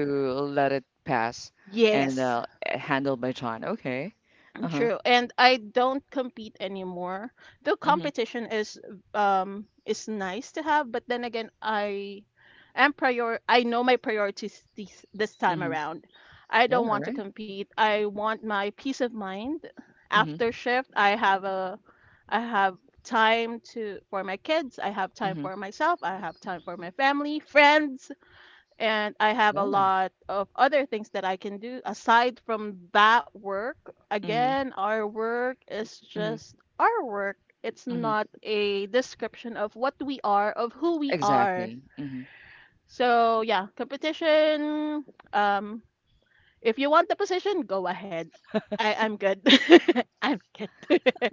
let it pass and
yes,
uh, handled by John. Okay. Uh-huh.
true. And I don't compete anymore. Though
Mm-hmm.
competition is, um is nice to have, but then again, I am prior I know my priorities this this time
Mm-hmm.
around. I
Yeah,
don't want to
right.
compete. I want my peace of mind.
Mm-hmm.
After shift I have a, I have time to, for my kids, I have time
Mm-hmm.
for myself, I have time for my family, friends, and I have a
Yeah.
lot of other things that I can do aside from that work.
Mm-hmm.
Again, our work is
Mm-hmm.
just our work. It's
Mm-hmm.
not a description of what we are, of who we are.
Exactly. Mm-hmm.
So yeah, competition. Um, if you want the position, go ahead. I, I'm good. I'm good.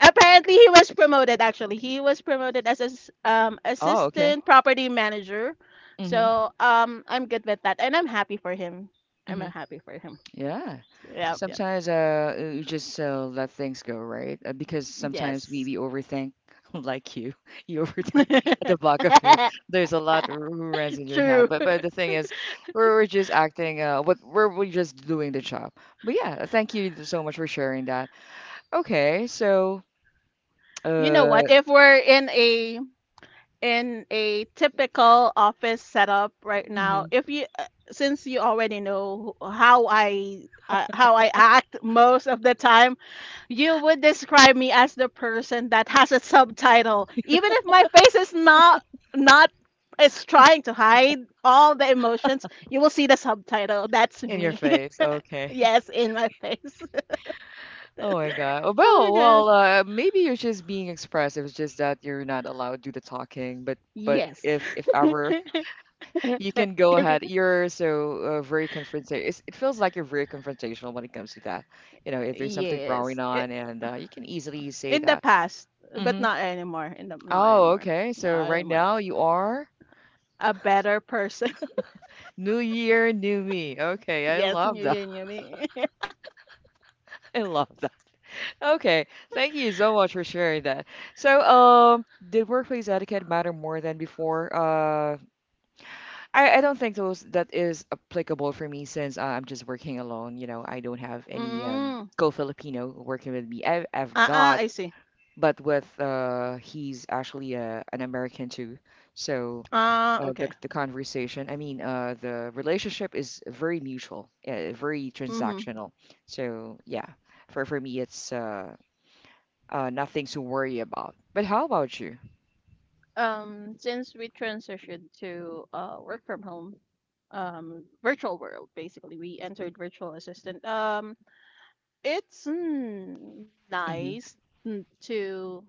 Apparently, he was promoted. Actually, he was promoted as as um,
Oh, okay.
assistant property manager.
Mm-hmm.
So um, I'm good with that, and I'm happy for him. I'm
Mm-hmm.
uh, happy for him.
Yeah.
Yep, yep.
Sometimes uh uh, you just uh, let things go, right? Uh, because sometimes we,
Yes.
we overthink like you. You overthink the back of your there's a lot who runs in your head.
True.
But but the thing is we're, we're just acting uh what we're we're just doing the job. But yeah, thank you so much for sharing that. Okay, so
You know
uh
what? If we're in a, in a typical office setup right now,
mhm.
if you uh, since you already know how I uh, how I act most of the time, you would describe me as the person that has a subtitle, even if my face is not not is trying to hide all the emotions. You will see the subtitle. That's
In your
me.
face. Okay.
Yes, in my face.
Oh my God. Oh,
Oh
Well,
my god.
well, uh, maybe you're just being expressive. It's just that you're not allowed to do the talking. But but
Yes.
if if ever you can go
If
ahead.
you-
You're so uh, very confrontational. It feels like you're very confrontational when it comes to that. You know, if there's something
Yes.
growing
I
on, and uh, you can easily say
in the
that.
past, but
Hmm.
not anymore. In the not
Oh,
anymore.
okay. So
Not
right
anymore.
now you are
A better person.
new year, new me. Okay, I
Yes, you
love that.
you knew me.
I love that. Okay, thank you so much for sharing that. So, um, did workplace etiquette matter more than before? Uh, I, I don't think those that is applicable for me since uh, I'm just working alone. You know, I don't have any um,
Mm.
co-Filipino working with me. I've, I've
Uh uh
got,
I see.
but with uh, he's actually uh, an American too. So
Ah,
uh, the
okay.
the conversation, I mean, uh, the relationship is very mutual, uh, very
Mm-hmm.
transactional. So yeah, for for me, it's uh, uh, nothing to worry about. But how about you?
Um, since we transitioned to uh work from home, um, virtual world basically, we entered virtual assistant. Um, it's, mm,
Mm-hmm.
nice, mm, to,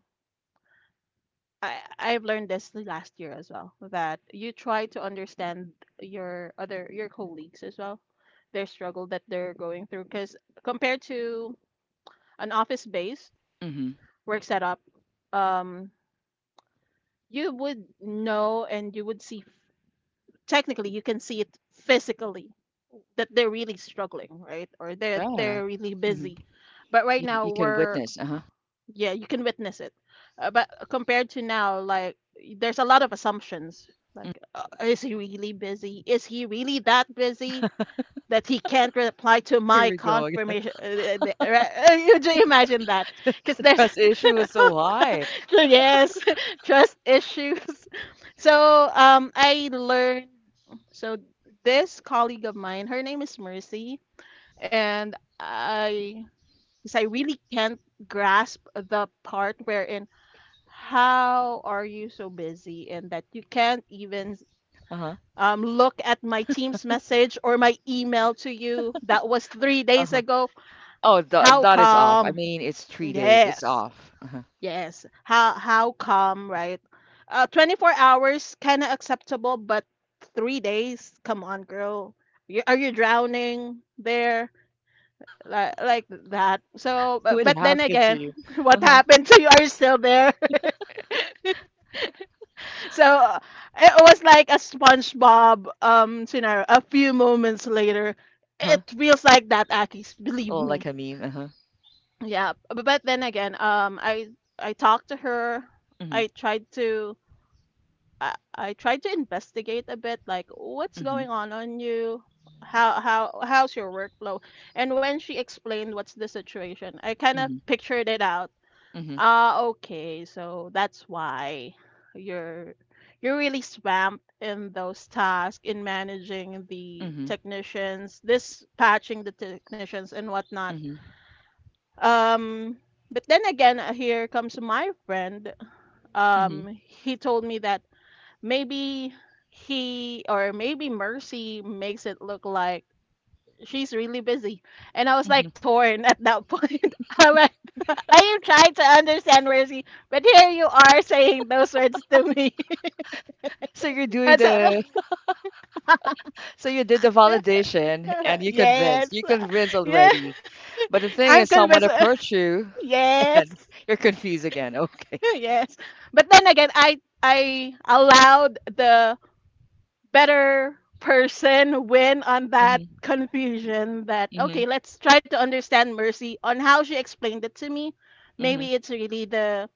I I've learned this the last year as well that you try to understand your other your colleagues as well, their struggle that they're going through. Because compared to an office-based
Mm-hmm.
work setup, um, you would know and you would see, technically you can see it physically that they're really struggling, right? Or they're
Yeah.
they're really
Mm-hmm.
busy. But right
You,
now
you can
we're,
witness. Uh-huh.
yeah, you can witness it. Uh, but compared to now, like, there's a lot of assumptions. Like, uh, is he really busy? Is he really that busy that he can't reply to
Here
my
we go again.
confirmation? Uh, uh, the- right? you ju- imagine that,
The
because there's,
trust issue is so high.
yes, trust issues. So um, I learned, so this colleague of mine, her name is Mercy, and I, because I really can't grasp the part wherein how are you so busy and that you can't even
Uh-huh.
um, look at my team's message or my email to you that was three days
Uh-huh.
ago.
Oh, th
How
that is off. I
come?
mean, it's three days. It's
Yes.
off. Uh-huh.
Yes. How how come, right? Uh, twenty-four hours kind of acceptable, but three days? Come on, girl. You, are you drowning there? Like like that. So, but,
What
but then
happened to
again,
you?
what
Uh-huh.
happened to you? Are you still there? So uh, it was like a SpongeBob um scenario. A few moments later,
Uh-huh.
it feels like that, Akis. Believe
Oh,
me.
like a meme. Uh-huh.
Yeah. But, but then again, um, I I talked to her.
Mm-hmm.
I tried to. I, I tried to investigate a bit, like what's
Mm-hmm.
going on on you, how how how's your workflow, and when she explained what's the situation, I kind of
Mm-hmm.
pictured it out.
Mm-hmm.
Ah, okay, so that's why you're you're really swamped in those tasks, in managing the
Mm-hmm.
technicians, dispatching the technicians and whatnot.
Mm-hmm.
Um, but then again, uh, here comes my friend. Um,
Mm-hmm.
he told me that maybe he or maybe Mercy makes it look like she's really busy. And I was
Mm-hmm.
like torn at that point. I'm like, I am trying to understand Mercy, but here you are saying those words to me.
So you're doing
That's a,
the, so you did the validation and you
yes,
convinced. You convinced
yeah,
already. But the thing
I'm
is,
convinced.
someone approached you
Yes,
and you're confused again. Okay.
yes. But then again, I I allowed the better person win on that
Mm-hmm.
confusion, that
Mm-hmm.
okay, let's try to understand Mercy on how she explained it to me.
Mm-hmm.
Maybe it's really the,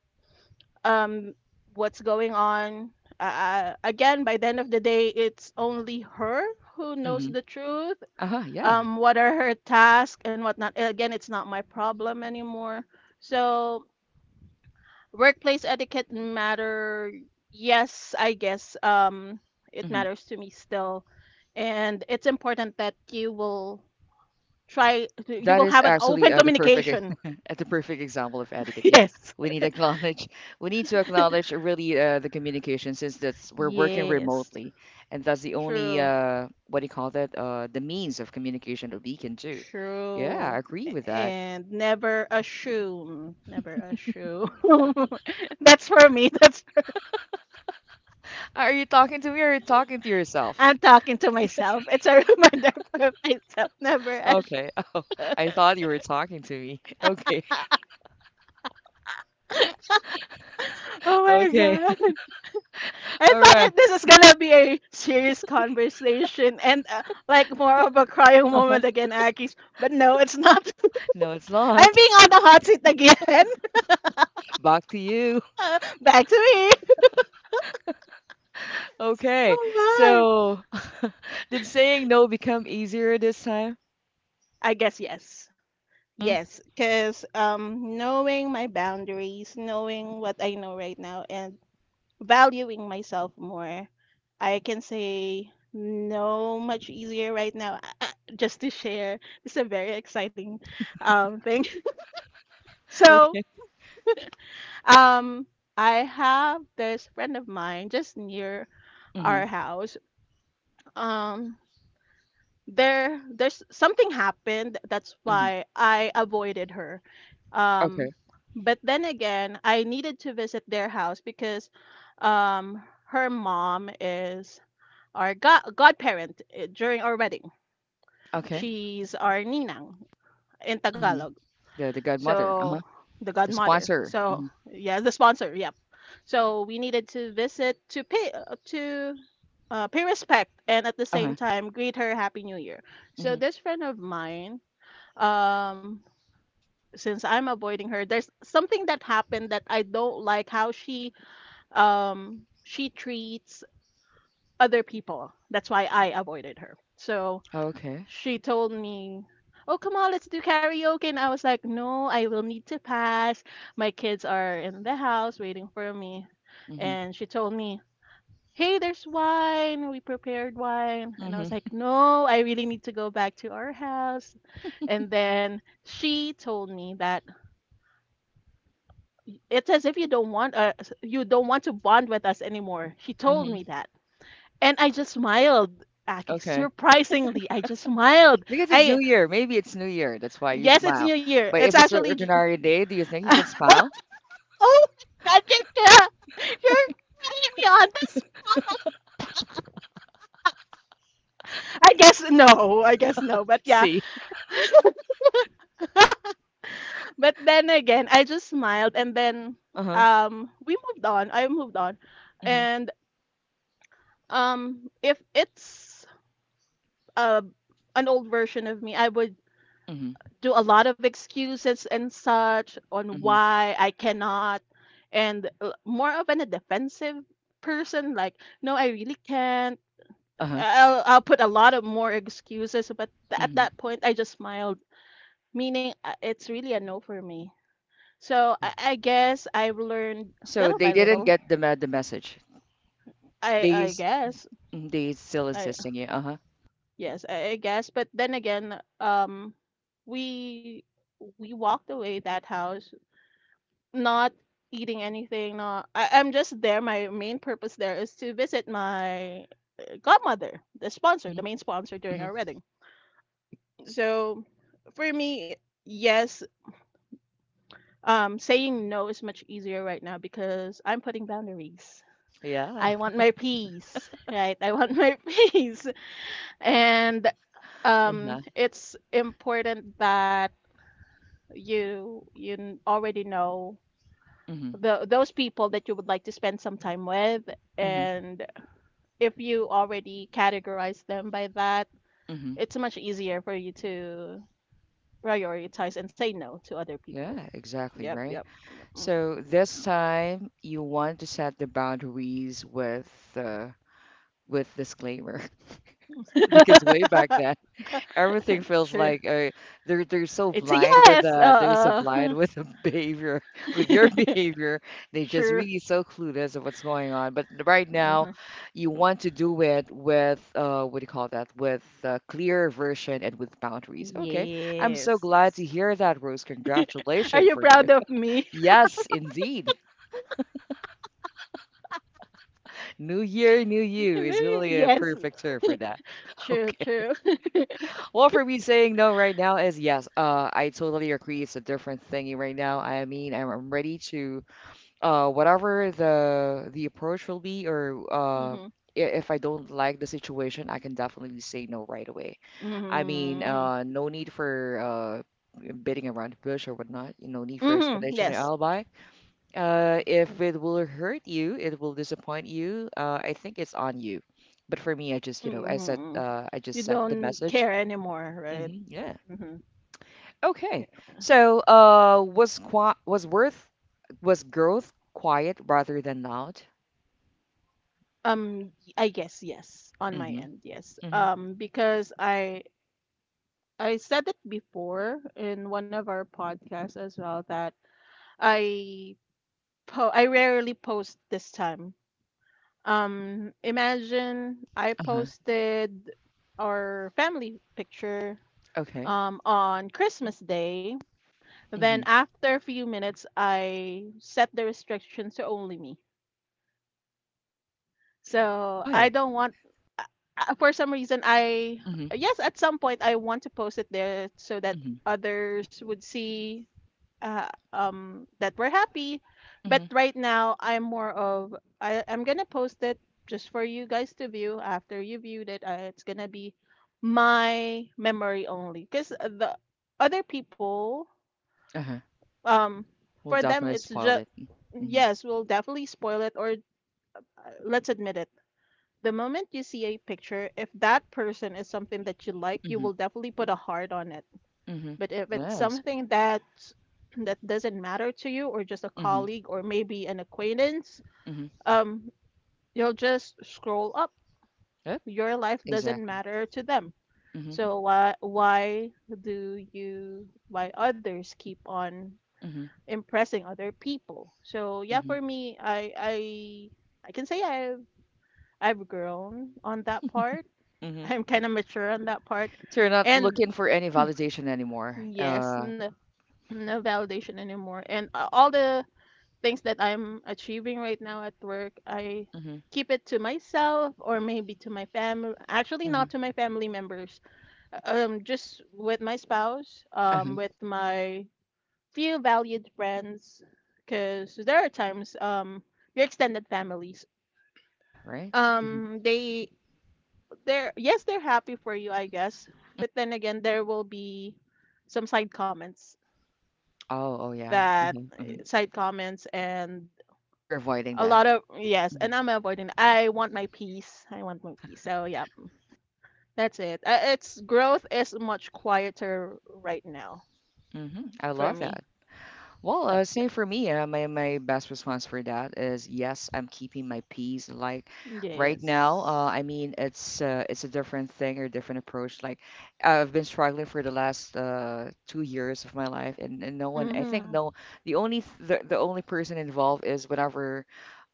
um what's going on. Uh, uh, again, by the end of the day it's only her who knows
Mm-hmm.
the truth.
Uh-huh. Yeah.
Um what are her tasks and whatnot? Again, it's not my problem anymore. So workplace etiquette matter. Yes, I guess um it matters to me still. And it's important that you will try you
That
will
is
have an
actually
open
uh, the perfect
communication.
at the perfect example of etiquette. Yeah,
Yes.
we need to acknowledge we need to acknowledge really uh, the communication, since that's we're working
Yes.
remotely, and that's the only
True.
uh, what do you call that, uh, the means of communication that we can do. Yeah, I
True.
agree with that.
And never assume. Never assume. That's for me. That's,
Are you talking to me or are you talking to yourself?
I'm talking to myself. It's a reminder for myself. Never assume.
Okay. Oh, I thought you were talking to me. Okay.
Oh my
Okay.
god. I
All
thought
right.
that this is gonna be a serious conversation and uh, like more of a crying moment again, Akis. But no, it's not.
No, it's
I'm
not.
being on the hot seat again.
Back to you.
Uh, back to me.
Okay.
Oh my.
So, did saying no become easier this time?
I guess yes.
Mm.
Yes, because um, knowing my boundaries, knowing what I know right now, and valuing myself more, I can say no much easier right now. Uh, uh, Just to share, it's a very exciting um, thing. So
Okay.
Um, I have this friend of mine just near
Mm-hmm.
our house. Um, there there's something happened. That's
Mm-hmm.
why I avoided her. Um,
Okay.
but then again, I needed to visit their house because um her mom is our god godparent eh, during our wedding.
Okay.
She's our ninang in
Mm-hmm.
Tagalog.
The the godmother.
So
Uh-huh.
the
The
godmother.
sponsor.
So
Mm-hmm.
yeah, the sponsor. Yep. So we needed to visit to pay uh, to uh, pay respect and at the same
Uh-huh.
time greet her happy new year. So
Mm-hmm.
this friend of mine, um, since I'm avoiding her, there's something that happened that I don't like how she um she treats other people. That's why I avoided her. So
Okay.
she told me, "Oh, come on, let's do karaoke." And I was like, "No, I will need to pass. My kids are in the house waiting for me."
Mm-hmm.
And she told me, "Hey, there's wine. We prepared wine." And I was
Mm-hmm.
like, "No, I really need to go back to our house." And then she told me that, it's as if you don't want uh, you don't want to bond with us anymore. She told me
Mm-hmm.
that. And I just smiled. Aki.
Okay.
Surprisingly, I just smiled.
Because it's new
I,
year. Maybe it's new year. That's why you
yes, it's
smile.
New Year.
But
It's
if it's an
actually. J-
ordinary day, do you think you can smile?
oh, God, you're, you're putting me on this. I guess no. I guess no. But yeah.
See.
But then again, I just smiled, and then
Uh-huh.
um, we moved on. I moved on,
Mm-hmm.
and um, if it's uh, an old version of me, I would
Mm-hmm.
do a lot of excuses and such on
Mm-hmm.
why I cannot, and uh, more of an a defensive person. Like, no, I really can't,
Uh-huh.
I'll I'll put a lot of more excuses, but th- at
Mm-hmm.
that point I just smiled, meaning uh, it's really a no for me. So
Yeah.
I, I guess I've learned
So
little
they
by
didn't
little.
get the me- the message.
I
They
I
s-
guess,
mm, they still
I,
insisting you. Uh-huh.
yes, I, I guess, but then again, um, we we walked away that house, not eating anything. Not, I, I'm just there. My main purpose there is to visit my godmother, the sponsor, the
Mhm,
main sponsor during
mhm.
our wedding. So for me, yes, Um, saying no is much easier right now because I'm putting boundaries.
Yeah.
I want my peace, right? I want my peace. And um,
Uh-huh.
it's important that you you n- already know
Mhm,
the those people that you would like to spend some time with.
mhm,
And if you already categorize them by that,
mhm.
it's much easier for you to prioritize and say no to other people.
Yeah, exactly,
Yep,
right?
yep, yep,
So this time you want to set the boundaries with uh, with disclaimer,
mhm.
because way back then everything feels
True.
like uh, they're they're so
It's a
blind with
yes.
uh they're so
Uh,
blind
uh.
with the behavior, with your behavior. They just
True.
really so clueless of what's going on. But right now,
Uh-huh.
you want to do it with uh what do you call that? With a clear version and with boundaries. Okay, I'm so
Yes,
glad to
yes.
hear that, Rose.
Are
Congratulations
you
for you.
proud of me?
Yes, indeed. New year, new you is really a
Yes.
perfect term for that.
True,
Okay.
true.
Well, for me, saying no right now is yes. Uh, I totally agree. It's a different thing right now. I mean, I'm, I'm ready to uh, whatever the the approach will be, or uh,
Mm-hmm.
i- if I don't like the situation, I can definitely say no right away. I mean,
Mm-hmm.
uh, no need for uh, beating around the bush or whatnot. You know, need for
Mm-hmm.
explanation or
Yes.
alibi. Uh, if it will hurt you, it will disappoint you. Uh, I think it's on you. But for me, I just, you know, I said,
Mm-hmm.
uh, I just
You
sent the
don't
message.
care anymore, right?
Hmm, yeah.
Mm-hmm.
Okay.
Yeah.
So, uh, was qua was worth was growth quiet rather than loud?
Um, I guess yes, on my
Mm-hmm.
end, yes.
Mm-hmm.
Um, because I I said it before in one of our podcasts as well that I po I rarely post this time. Um, imagine I
Uh-huh.
posted our family picture
Okay.
um, on Christmas Day.
Mm-hmm.
Then after a few minutes, I set the restrictions to only me. So I
Why?
don't want. uh, uh, For some reason, I
Mm-hmm.
yes, at some point I want to post it there so that
Mm-hmm.
others would see uh, um, that we're happy. But
Mm-hmm.
right now, I'm more of I, I'm gonna post it just for you guys to view. After you viewed it, uh, it's gonna be my memory only, because the other people,
Uh-huh.
um,
We'll
for them,
definitely
it's
spoil
just
it. Mm-hmm.
yes, we'll definitely spoil it, or uh, let's admit it. The moment you see a picture, if that person is something that you like, you
Mm-hmm.
will definitely put a heart on it,
Mm-hmm.
but if it's
Yes.
something that that doesn't matter to you or just a
Mm-hmm.
colleague or maybe an acquaintance,
Mm-hmm.
um, you'll just scroll up.
Yep.
Your life doesn't
Exactly.
matter to them.
Mm-hmm.
So why why do you why others keep on
Mm-hmm.
impressing other people? So yeah,
Mm-hmm.
for me, I I I can say I've I've grown on that part.
Mm-hmm.
I'm kind of mature on that part.
So you're not
And
looking for any validation anymore.
yes,
Uh,
no, no validation anymore. And uh, all the things that I'm achieving right now at work, I
mm-hmm.
keep it to myself or maybe to my family. Actually,
Mm-hmm.
not to my family members. Uh, Um, just with my spouse, um,
Uh-huh.
with my few valued friends, because there are times um your extended families
Yeah, right? Mm-hmm.
um they they're yes, they're happy for you I guess, but then again there will be some side comments
Oh, oh yeah.
that
Mm-hmm. Mm-hmm.
side comments and
You're avoiding
a
that.
lot of, yes,
Mm-hmm.
and I'm avoiding. I want my peace. I want my peace. So yeah, that's it. Uh, It's growth is much quieter right now
Hmm. I
for
love
me.
that. Well,
Yep.
uh,
Yep.
same for me. Uh, my my best response for that is yes, I'm keeping my peace. Like right now, uh,
Yes.
I mean, it's uh, it's a different thing or different approach. Like I've been struggling for the last uh, two years of my life, and, and no one. I think
Mhm.
no. The only th the, the only person involved is whenever.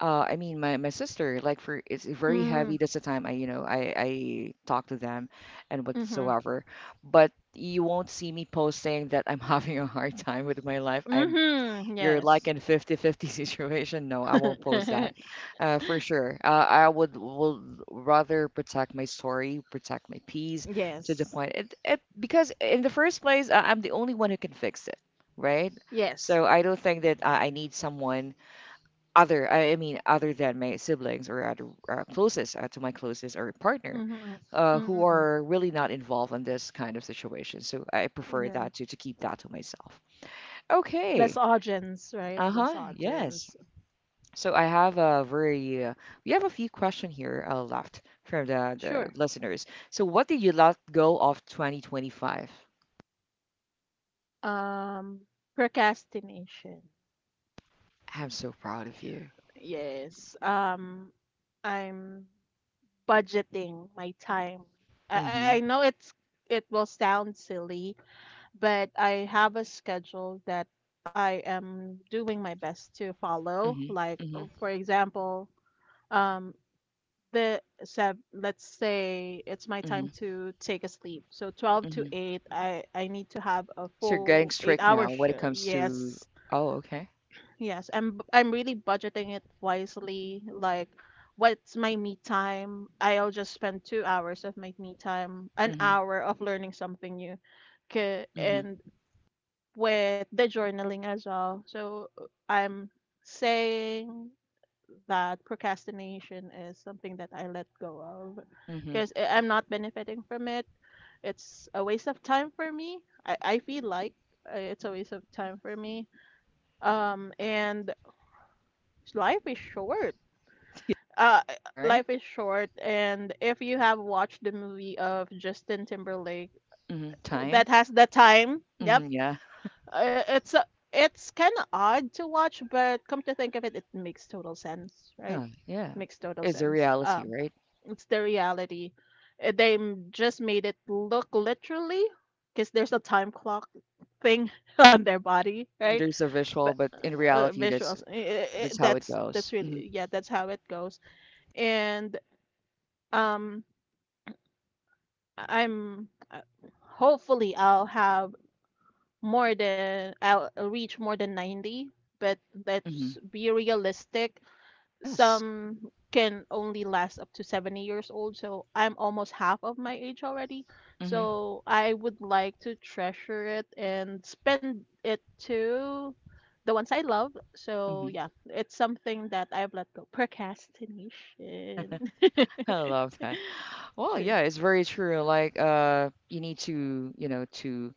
Uh, I mean, my, my sister, like for, it's very
Mhm.
heavy. That's the time I, you know, I, I talk to them and
Mhm.
whatsoever. But you won't see me posting that I'm having a hard time with my life. I'm
Mhm.
You're like
Yes.
in fifty fifty situation. No, I won't post that. uh, for sure, uh, I would will rather protect my story, protect my peace, to the
Yes.
point it, it, because in the first place, I- i'm the only one who can fix it, right?
Yes.
So I don't think that i, I need someone other I I mean other than my siblings or other uh, closest, uh, to my closest or partner,
Mhm.
uh, who
Mhm.
are really not involved in this kind of situation, so I prefer
Yeah.
that to to keep that to myself.
Less
Okay.
audience, right? Less
Uh-huh. Yes.
audience.
So I have a very uh, we have a few questions here uh, left from the, the
Sure.
listeners. So what did you let go of twenty twenty-five?
Um, procrastination.
I'm so proud of you.
Yes. Um, I'm budgeting my time. I, I
Mm-hmm.
I know it's it will sound silly, but I have a schedule that I am doing my best to follow.
Mm-hmm.
Like,
Mm-hmm.
uh, for example, um, the sev let's say it's my
Mm-hmm.
time to take a sleep. So twelve to
Mm-hmm.
eight, I I need to have a
So you're
full
getting
8
strict
hour
now when it
shift.
comes to,
Yes.
oh, okay.
Yes, I'm b- I'm really budgeting it wisely. Like, what's my me time? I'll just spend two hours of my me time, an
Mm-hmm.
hour of learning something new, 'kay,
Mm-hmm.
and with the journaling as well. So uh, I'm saying that procrastination is something that I let go of
Mm-hmm.
because I'm not benefiting from it. It's a waste of time for me. I, I feel like uh, it's a waste of time for me. Um, and Life is short. Uh,
Right?
Life is short, and if you have watched the movie of Justin Timberlake
Mm-hmm. Time.
that has the time, yep,
Mm-hmm. Yeah.
uh, it's uh, it's kind of odd to watch, but come to think of it, it makes total sense, right?
Oh yeah.
Makes total
It's a
sense.
reality,
Um,
right?
it's the reality. Uh, They m- just made it look literally, because there's a time clock thing on their body,
Mm-hmm.
right?
There's a
But
visual, but in
uh, uh,
reality, that's
visuals. i- i- i-
that's how it
that's that's
goes. Mm-hmm.
really, yeah. That's how it goes, and um I'm uh, hopefully I'll have more than I'll I'll reach more than ninety, but let's
Mm-hmm.
be realistic,
Yes.
some can only last up to seventy years old, so I'm almost half of my age already,
Mm-hmm.
so I would like to treasure it and spend it to the ones I love. So yeah, it's something that I've let go, procrastination.
I love that. Well,
True.
yeah, it's very true. Like, uh, you need to, you know, to,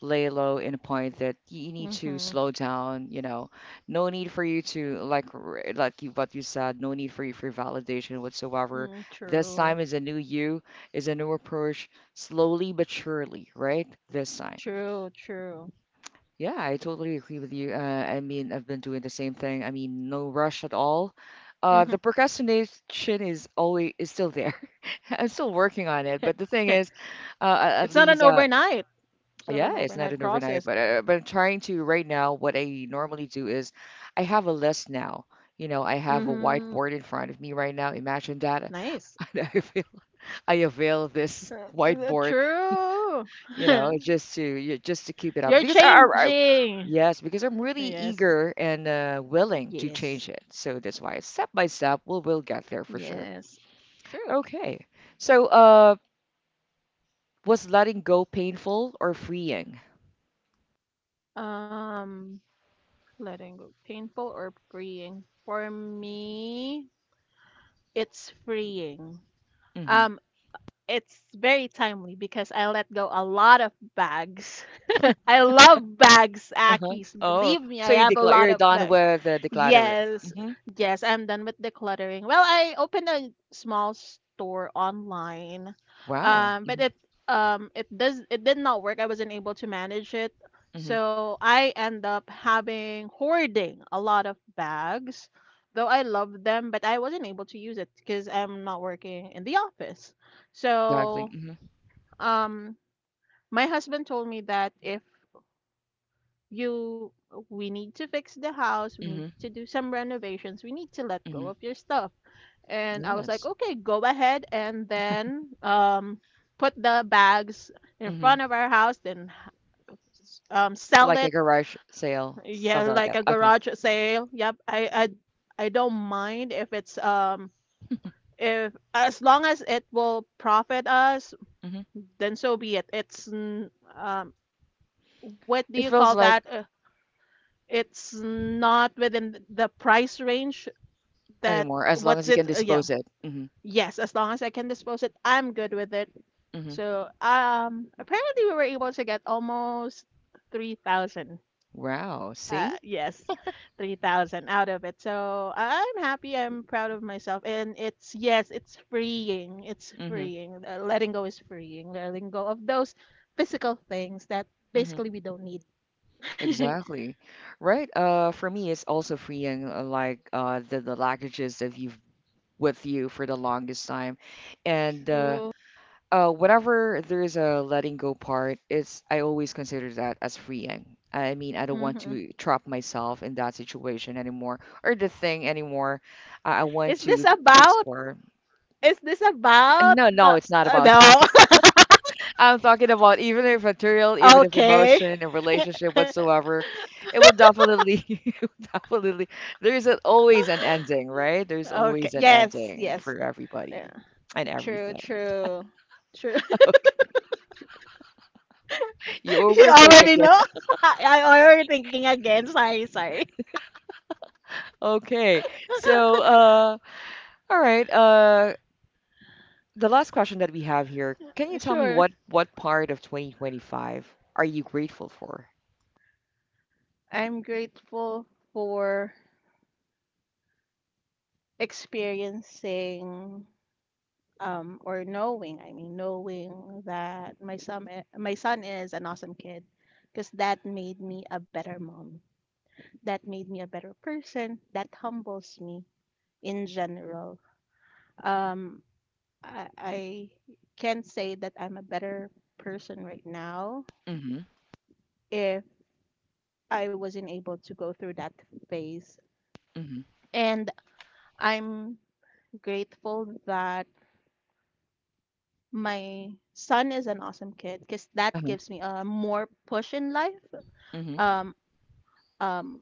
lay low in a point that you need to
Mhm.
slow down. You know, no need for you to like, r- like you, what you said. No need for you for validation whatsoever.
Mm,
This
true.
time is a new you, is a new approach, slowly but surely, right? This time.
True, true.
Yeah, I totally agree with you. Uh, I mean, I've been doing the same thing. I mean, no rush at all. Uh,
Mhm.
the procrastination is always is still there. I'm still working on it, but the thing is, uh, a- at
It's not an
least, uh,
overnight. It's not
yeah,
an
it's not
overnight
an overnight.
process.
But uh, but I'm trying to right now. What I normally do is, I have a list now. You know, I have a
Mhm.
whiteboard in front of me right now. Imagine that.
Nice.
I avail, I avail this
Uh, uh,
whiteboard,
True.
you know, just to you- just to keep it up
You're
because I, I, I
changing.
yes, because I'm really
Yes.
eager and uh, willing to
Yes.
change it. So that's why step by step we'll we'll get there for sure.
Yes. True.
Okay. So uh, was letting go painful or freeing?
Um, letting go. Painful or freeing? For me, it's freeing.
Mm-hmm.
Um, It's very timely because I let go a lot of bags. I love bags,
Uh-huh.
Akis. Believe
Oh,
me,
so
I
you
have a
declare
lot
you're
of
done
bags.
with uh, decluttering.
Yes,
Mm-hmm.
yes, I'm done with decluttering. Well, I opened a small store online,
Wow.
um, but
Mm-hmm.
it um it does it did not work. I wasn't able to manage it,
Mm-hmm.
so I end up having hoarding a lot of bags, though I love them, but I wasn't able to use it because I'm not working in the office.
Exactly.
So
Mm-hmm.
um, my husband told me that if you we need to fix the house, we need
Mm-hmm.
to do some renovations, we need to let go
Mm-hmm.
of your stuff. And I was like,
Yes.
okay, go ahead. And then um, put the bags in
Mm-hmm.
front of our house, then um, sell
Like a
it.
garage sale,
Yeah,
something like
like a
that. Okay.
garage sale, yep. I i i don't mind if it's um, if as long as it will profit us,
Mm-hmm.
then so be it. it's n- um what do
It
you
feels
call
like
that? Uh, It's not within the price range that,
anymore as long as
what's
you
it?
can
Uh, yeah.
dispose it. Hmm.
Yes, as long as I can dispose it, I'm good with it.
Hmm.
So, um, apparently we were able to get almost three thousand.
Wow.
Uh,
See?
yes, three thousand out of it. So I'm happy. I'm proud of myself. And it's, yes, it's freeing. It's
Hmm.
freeing. Uh, letting go is freeing. Letting go of those physical things that
Hmm.
basically we don't need.
Exactly. Right. Uh, for me, it's also freeing, uh, like uh, the the luggages that you've with you for the longest time, and uh,
True.
uh, whenever there's a letting go part, it's I always consider that as freeing. I mean, I don't want
Hmm.
to trap myself in that situation anymore or the thing anymore. I, I want
Is this
to to
about?
explore.
Is this about
No, no,
the,
it's not
uh,
about
no?
that. I'm talking about even if material, even if
Okay.
emotion and relationship whatsoever, it will definitely, it will definitely, there is a, always an ending, right? There's
Okay.
always an
Yes,
ending
yes.
for everybody
Yeah.
and
True,
everything.
true. True.
You
You
overthink
already
again.
know? I, I already thinking again. Sorry, sorry.
Okay. So, uh, all right. Uh, the last question that we have here, can you tell me
Sure.
what what part of twenty twenty-five are you grateful for?
I'm grateful for experiencing um, or knowing, I mean knowing that my son i- my son is an awesome kid because that made me a better mom, that made me a better person, that humbles me in general. Um, I, I can't say that I'm a better person right now
Mm-hmm.
if I wasn't able to go through that phase.
Mm-hmm.
And I'm grateful that my son is an awesome kid because that
Uh-huh.
gives me a more push in life.
Mm-hmm.
Um, um,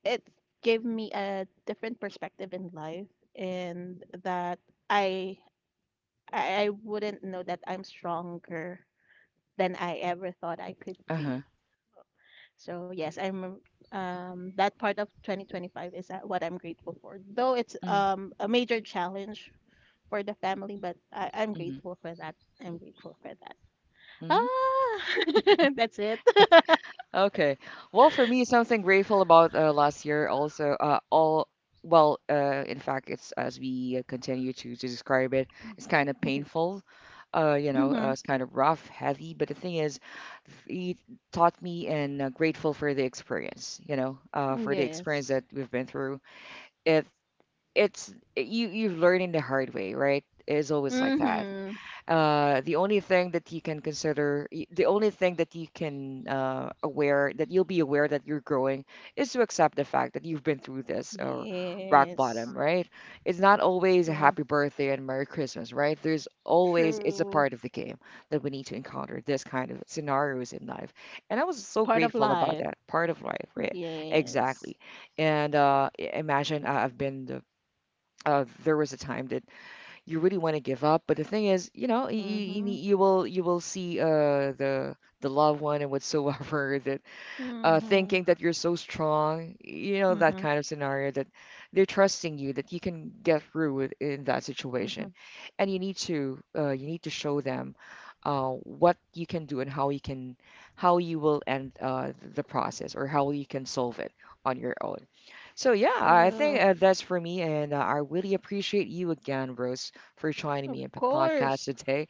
it gave me a different perspective in life, and that I I, I wouldn't know that I'm stronger than I ever thought I could
Uh-huh.
be. So yes, I'm um um, that part of twenty twenty-five is that what I'm grateful for. Though it's
Mm-hmm.
um, a major challenge for the family, but I, I'm grateful for that. I'm grateful for that.
Mm-hmm.
Ah, that's it.
Okay. Well, for me, something grateful about uh, last year also, uh, all, well, uh, in fact, it's as we continue to, to describe it, it's kind of painful. Uh, you know,
Mm-hmm.
uh, it's kind of rough, heavy, but the thing is, it taught me and uh, grateful for the experience, you know, uh, for the experience
Yes.
that we've been through. It, it's, you, you've learned in the hard way, right? It's always like that.
Mm-hmm.
Uh, the only thing that you can consider, y- the only thing that you can uh, aware that you'll be aware that you're growing is to accept the fact that you've been through this or rock
Yes.
bottom, right? It's not always a
True.
happy birthday and Merry Christmas, right? There's always, it's a
True.
part of the game that we need to encounter this kind of scenarios in life. And I was so
Part of
grateful about
life.
that part of life, right?
Yes.
Exactly. And uh, I- imagine I- I've been the, uh, there was a time that you really want to give up. But the thing is, you know, you, you,
Mm-hmm.
you will you will see uh, the the loved one and whatsoever that uh,
Mhm.
thinking that you're so strong, you know, that
Mhm.
kind of scenario that they're trusting you that you can get through it in that situation,
Mhm.
and you need to uh, you need to show them uh, what you can do and how you can how you will end uh, the process or how you can solve it on your own. So yeah, I think
True.
uh, that's for me, and uh, I really appreciate you again, Rose, for joining
Of
me in the podcast
course.
today.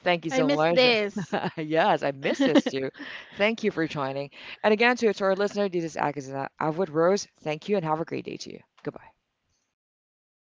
Thank you
I
so
miss
much.
this.
Yes, I missed this too. Thank you for joining. And again, to, to our listener, this is Agatha. I'm Rose. Thank you, and have a great day to you. Goodbye.
Thank you.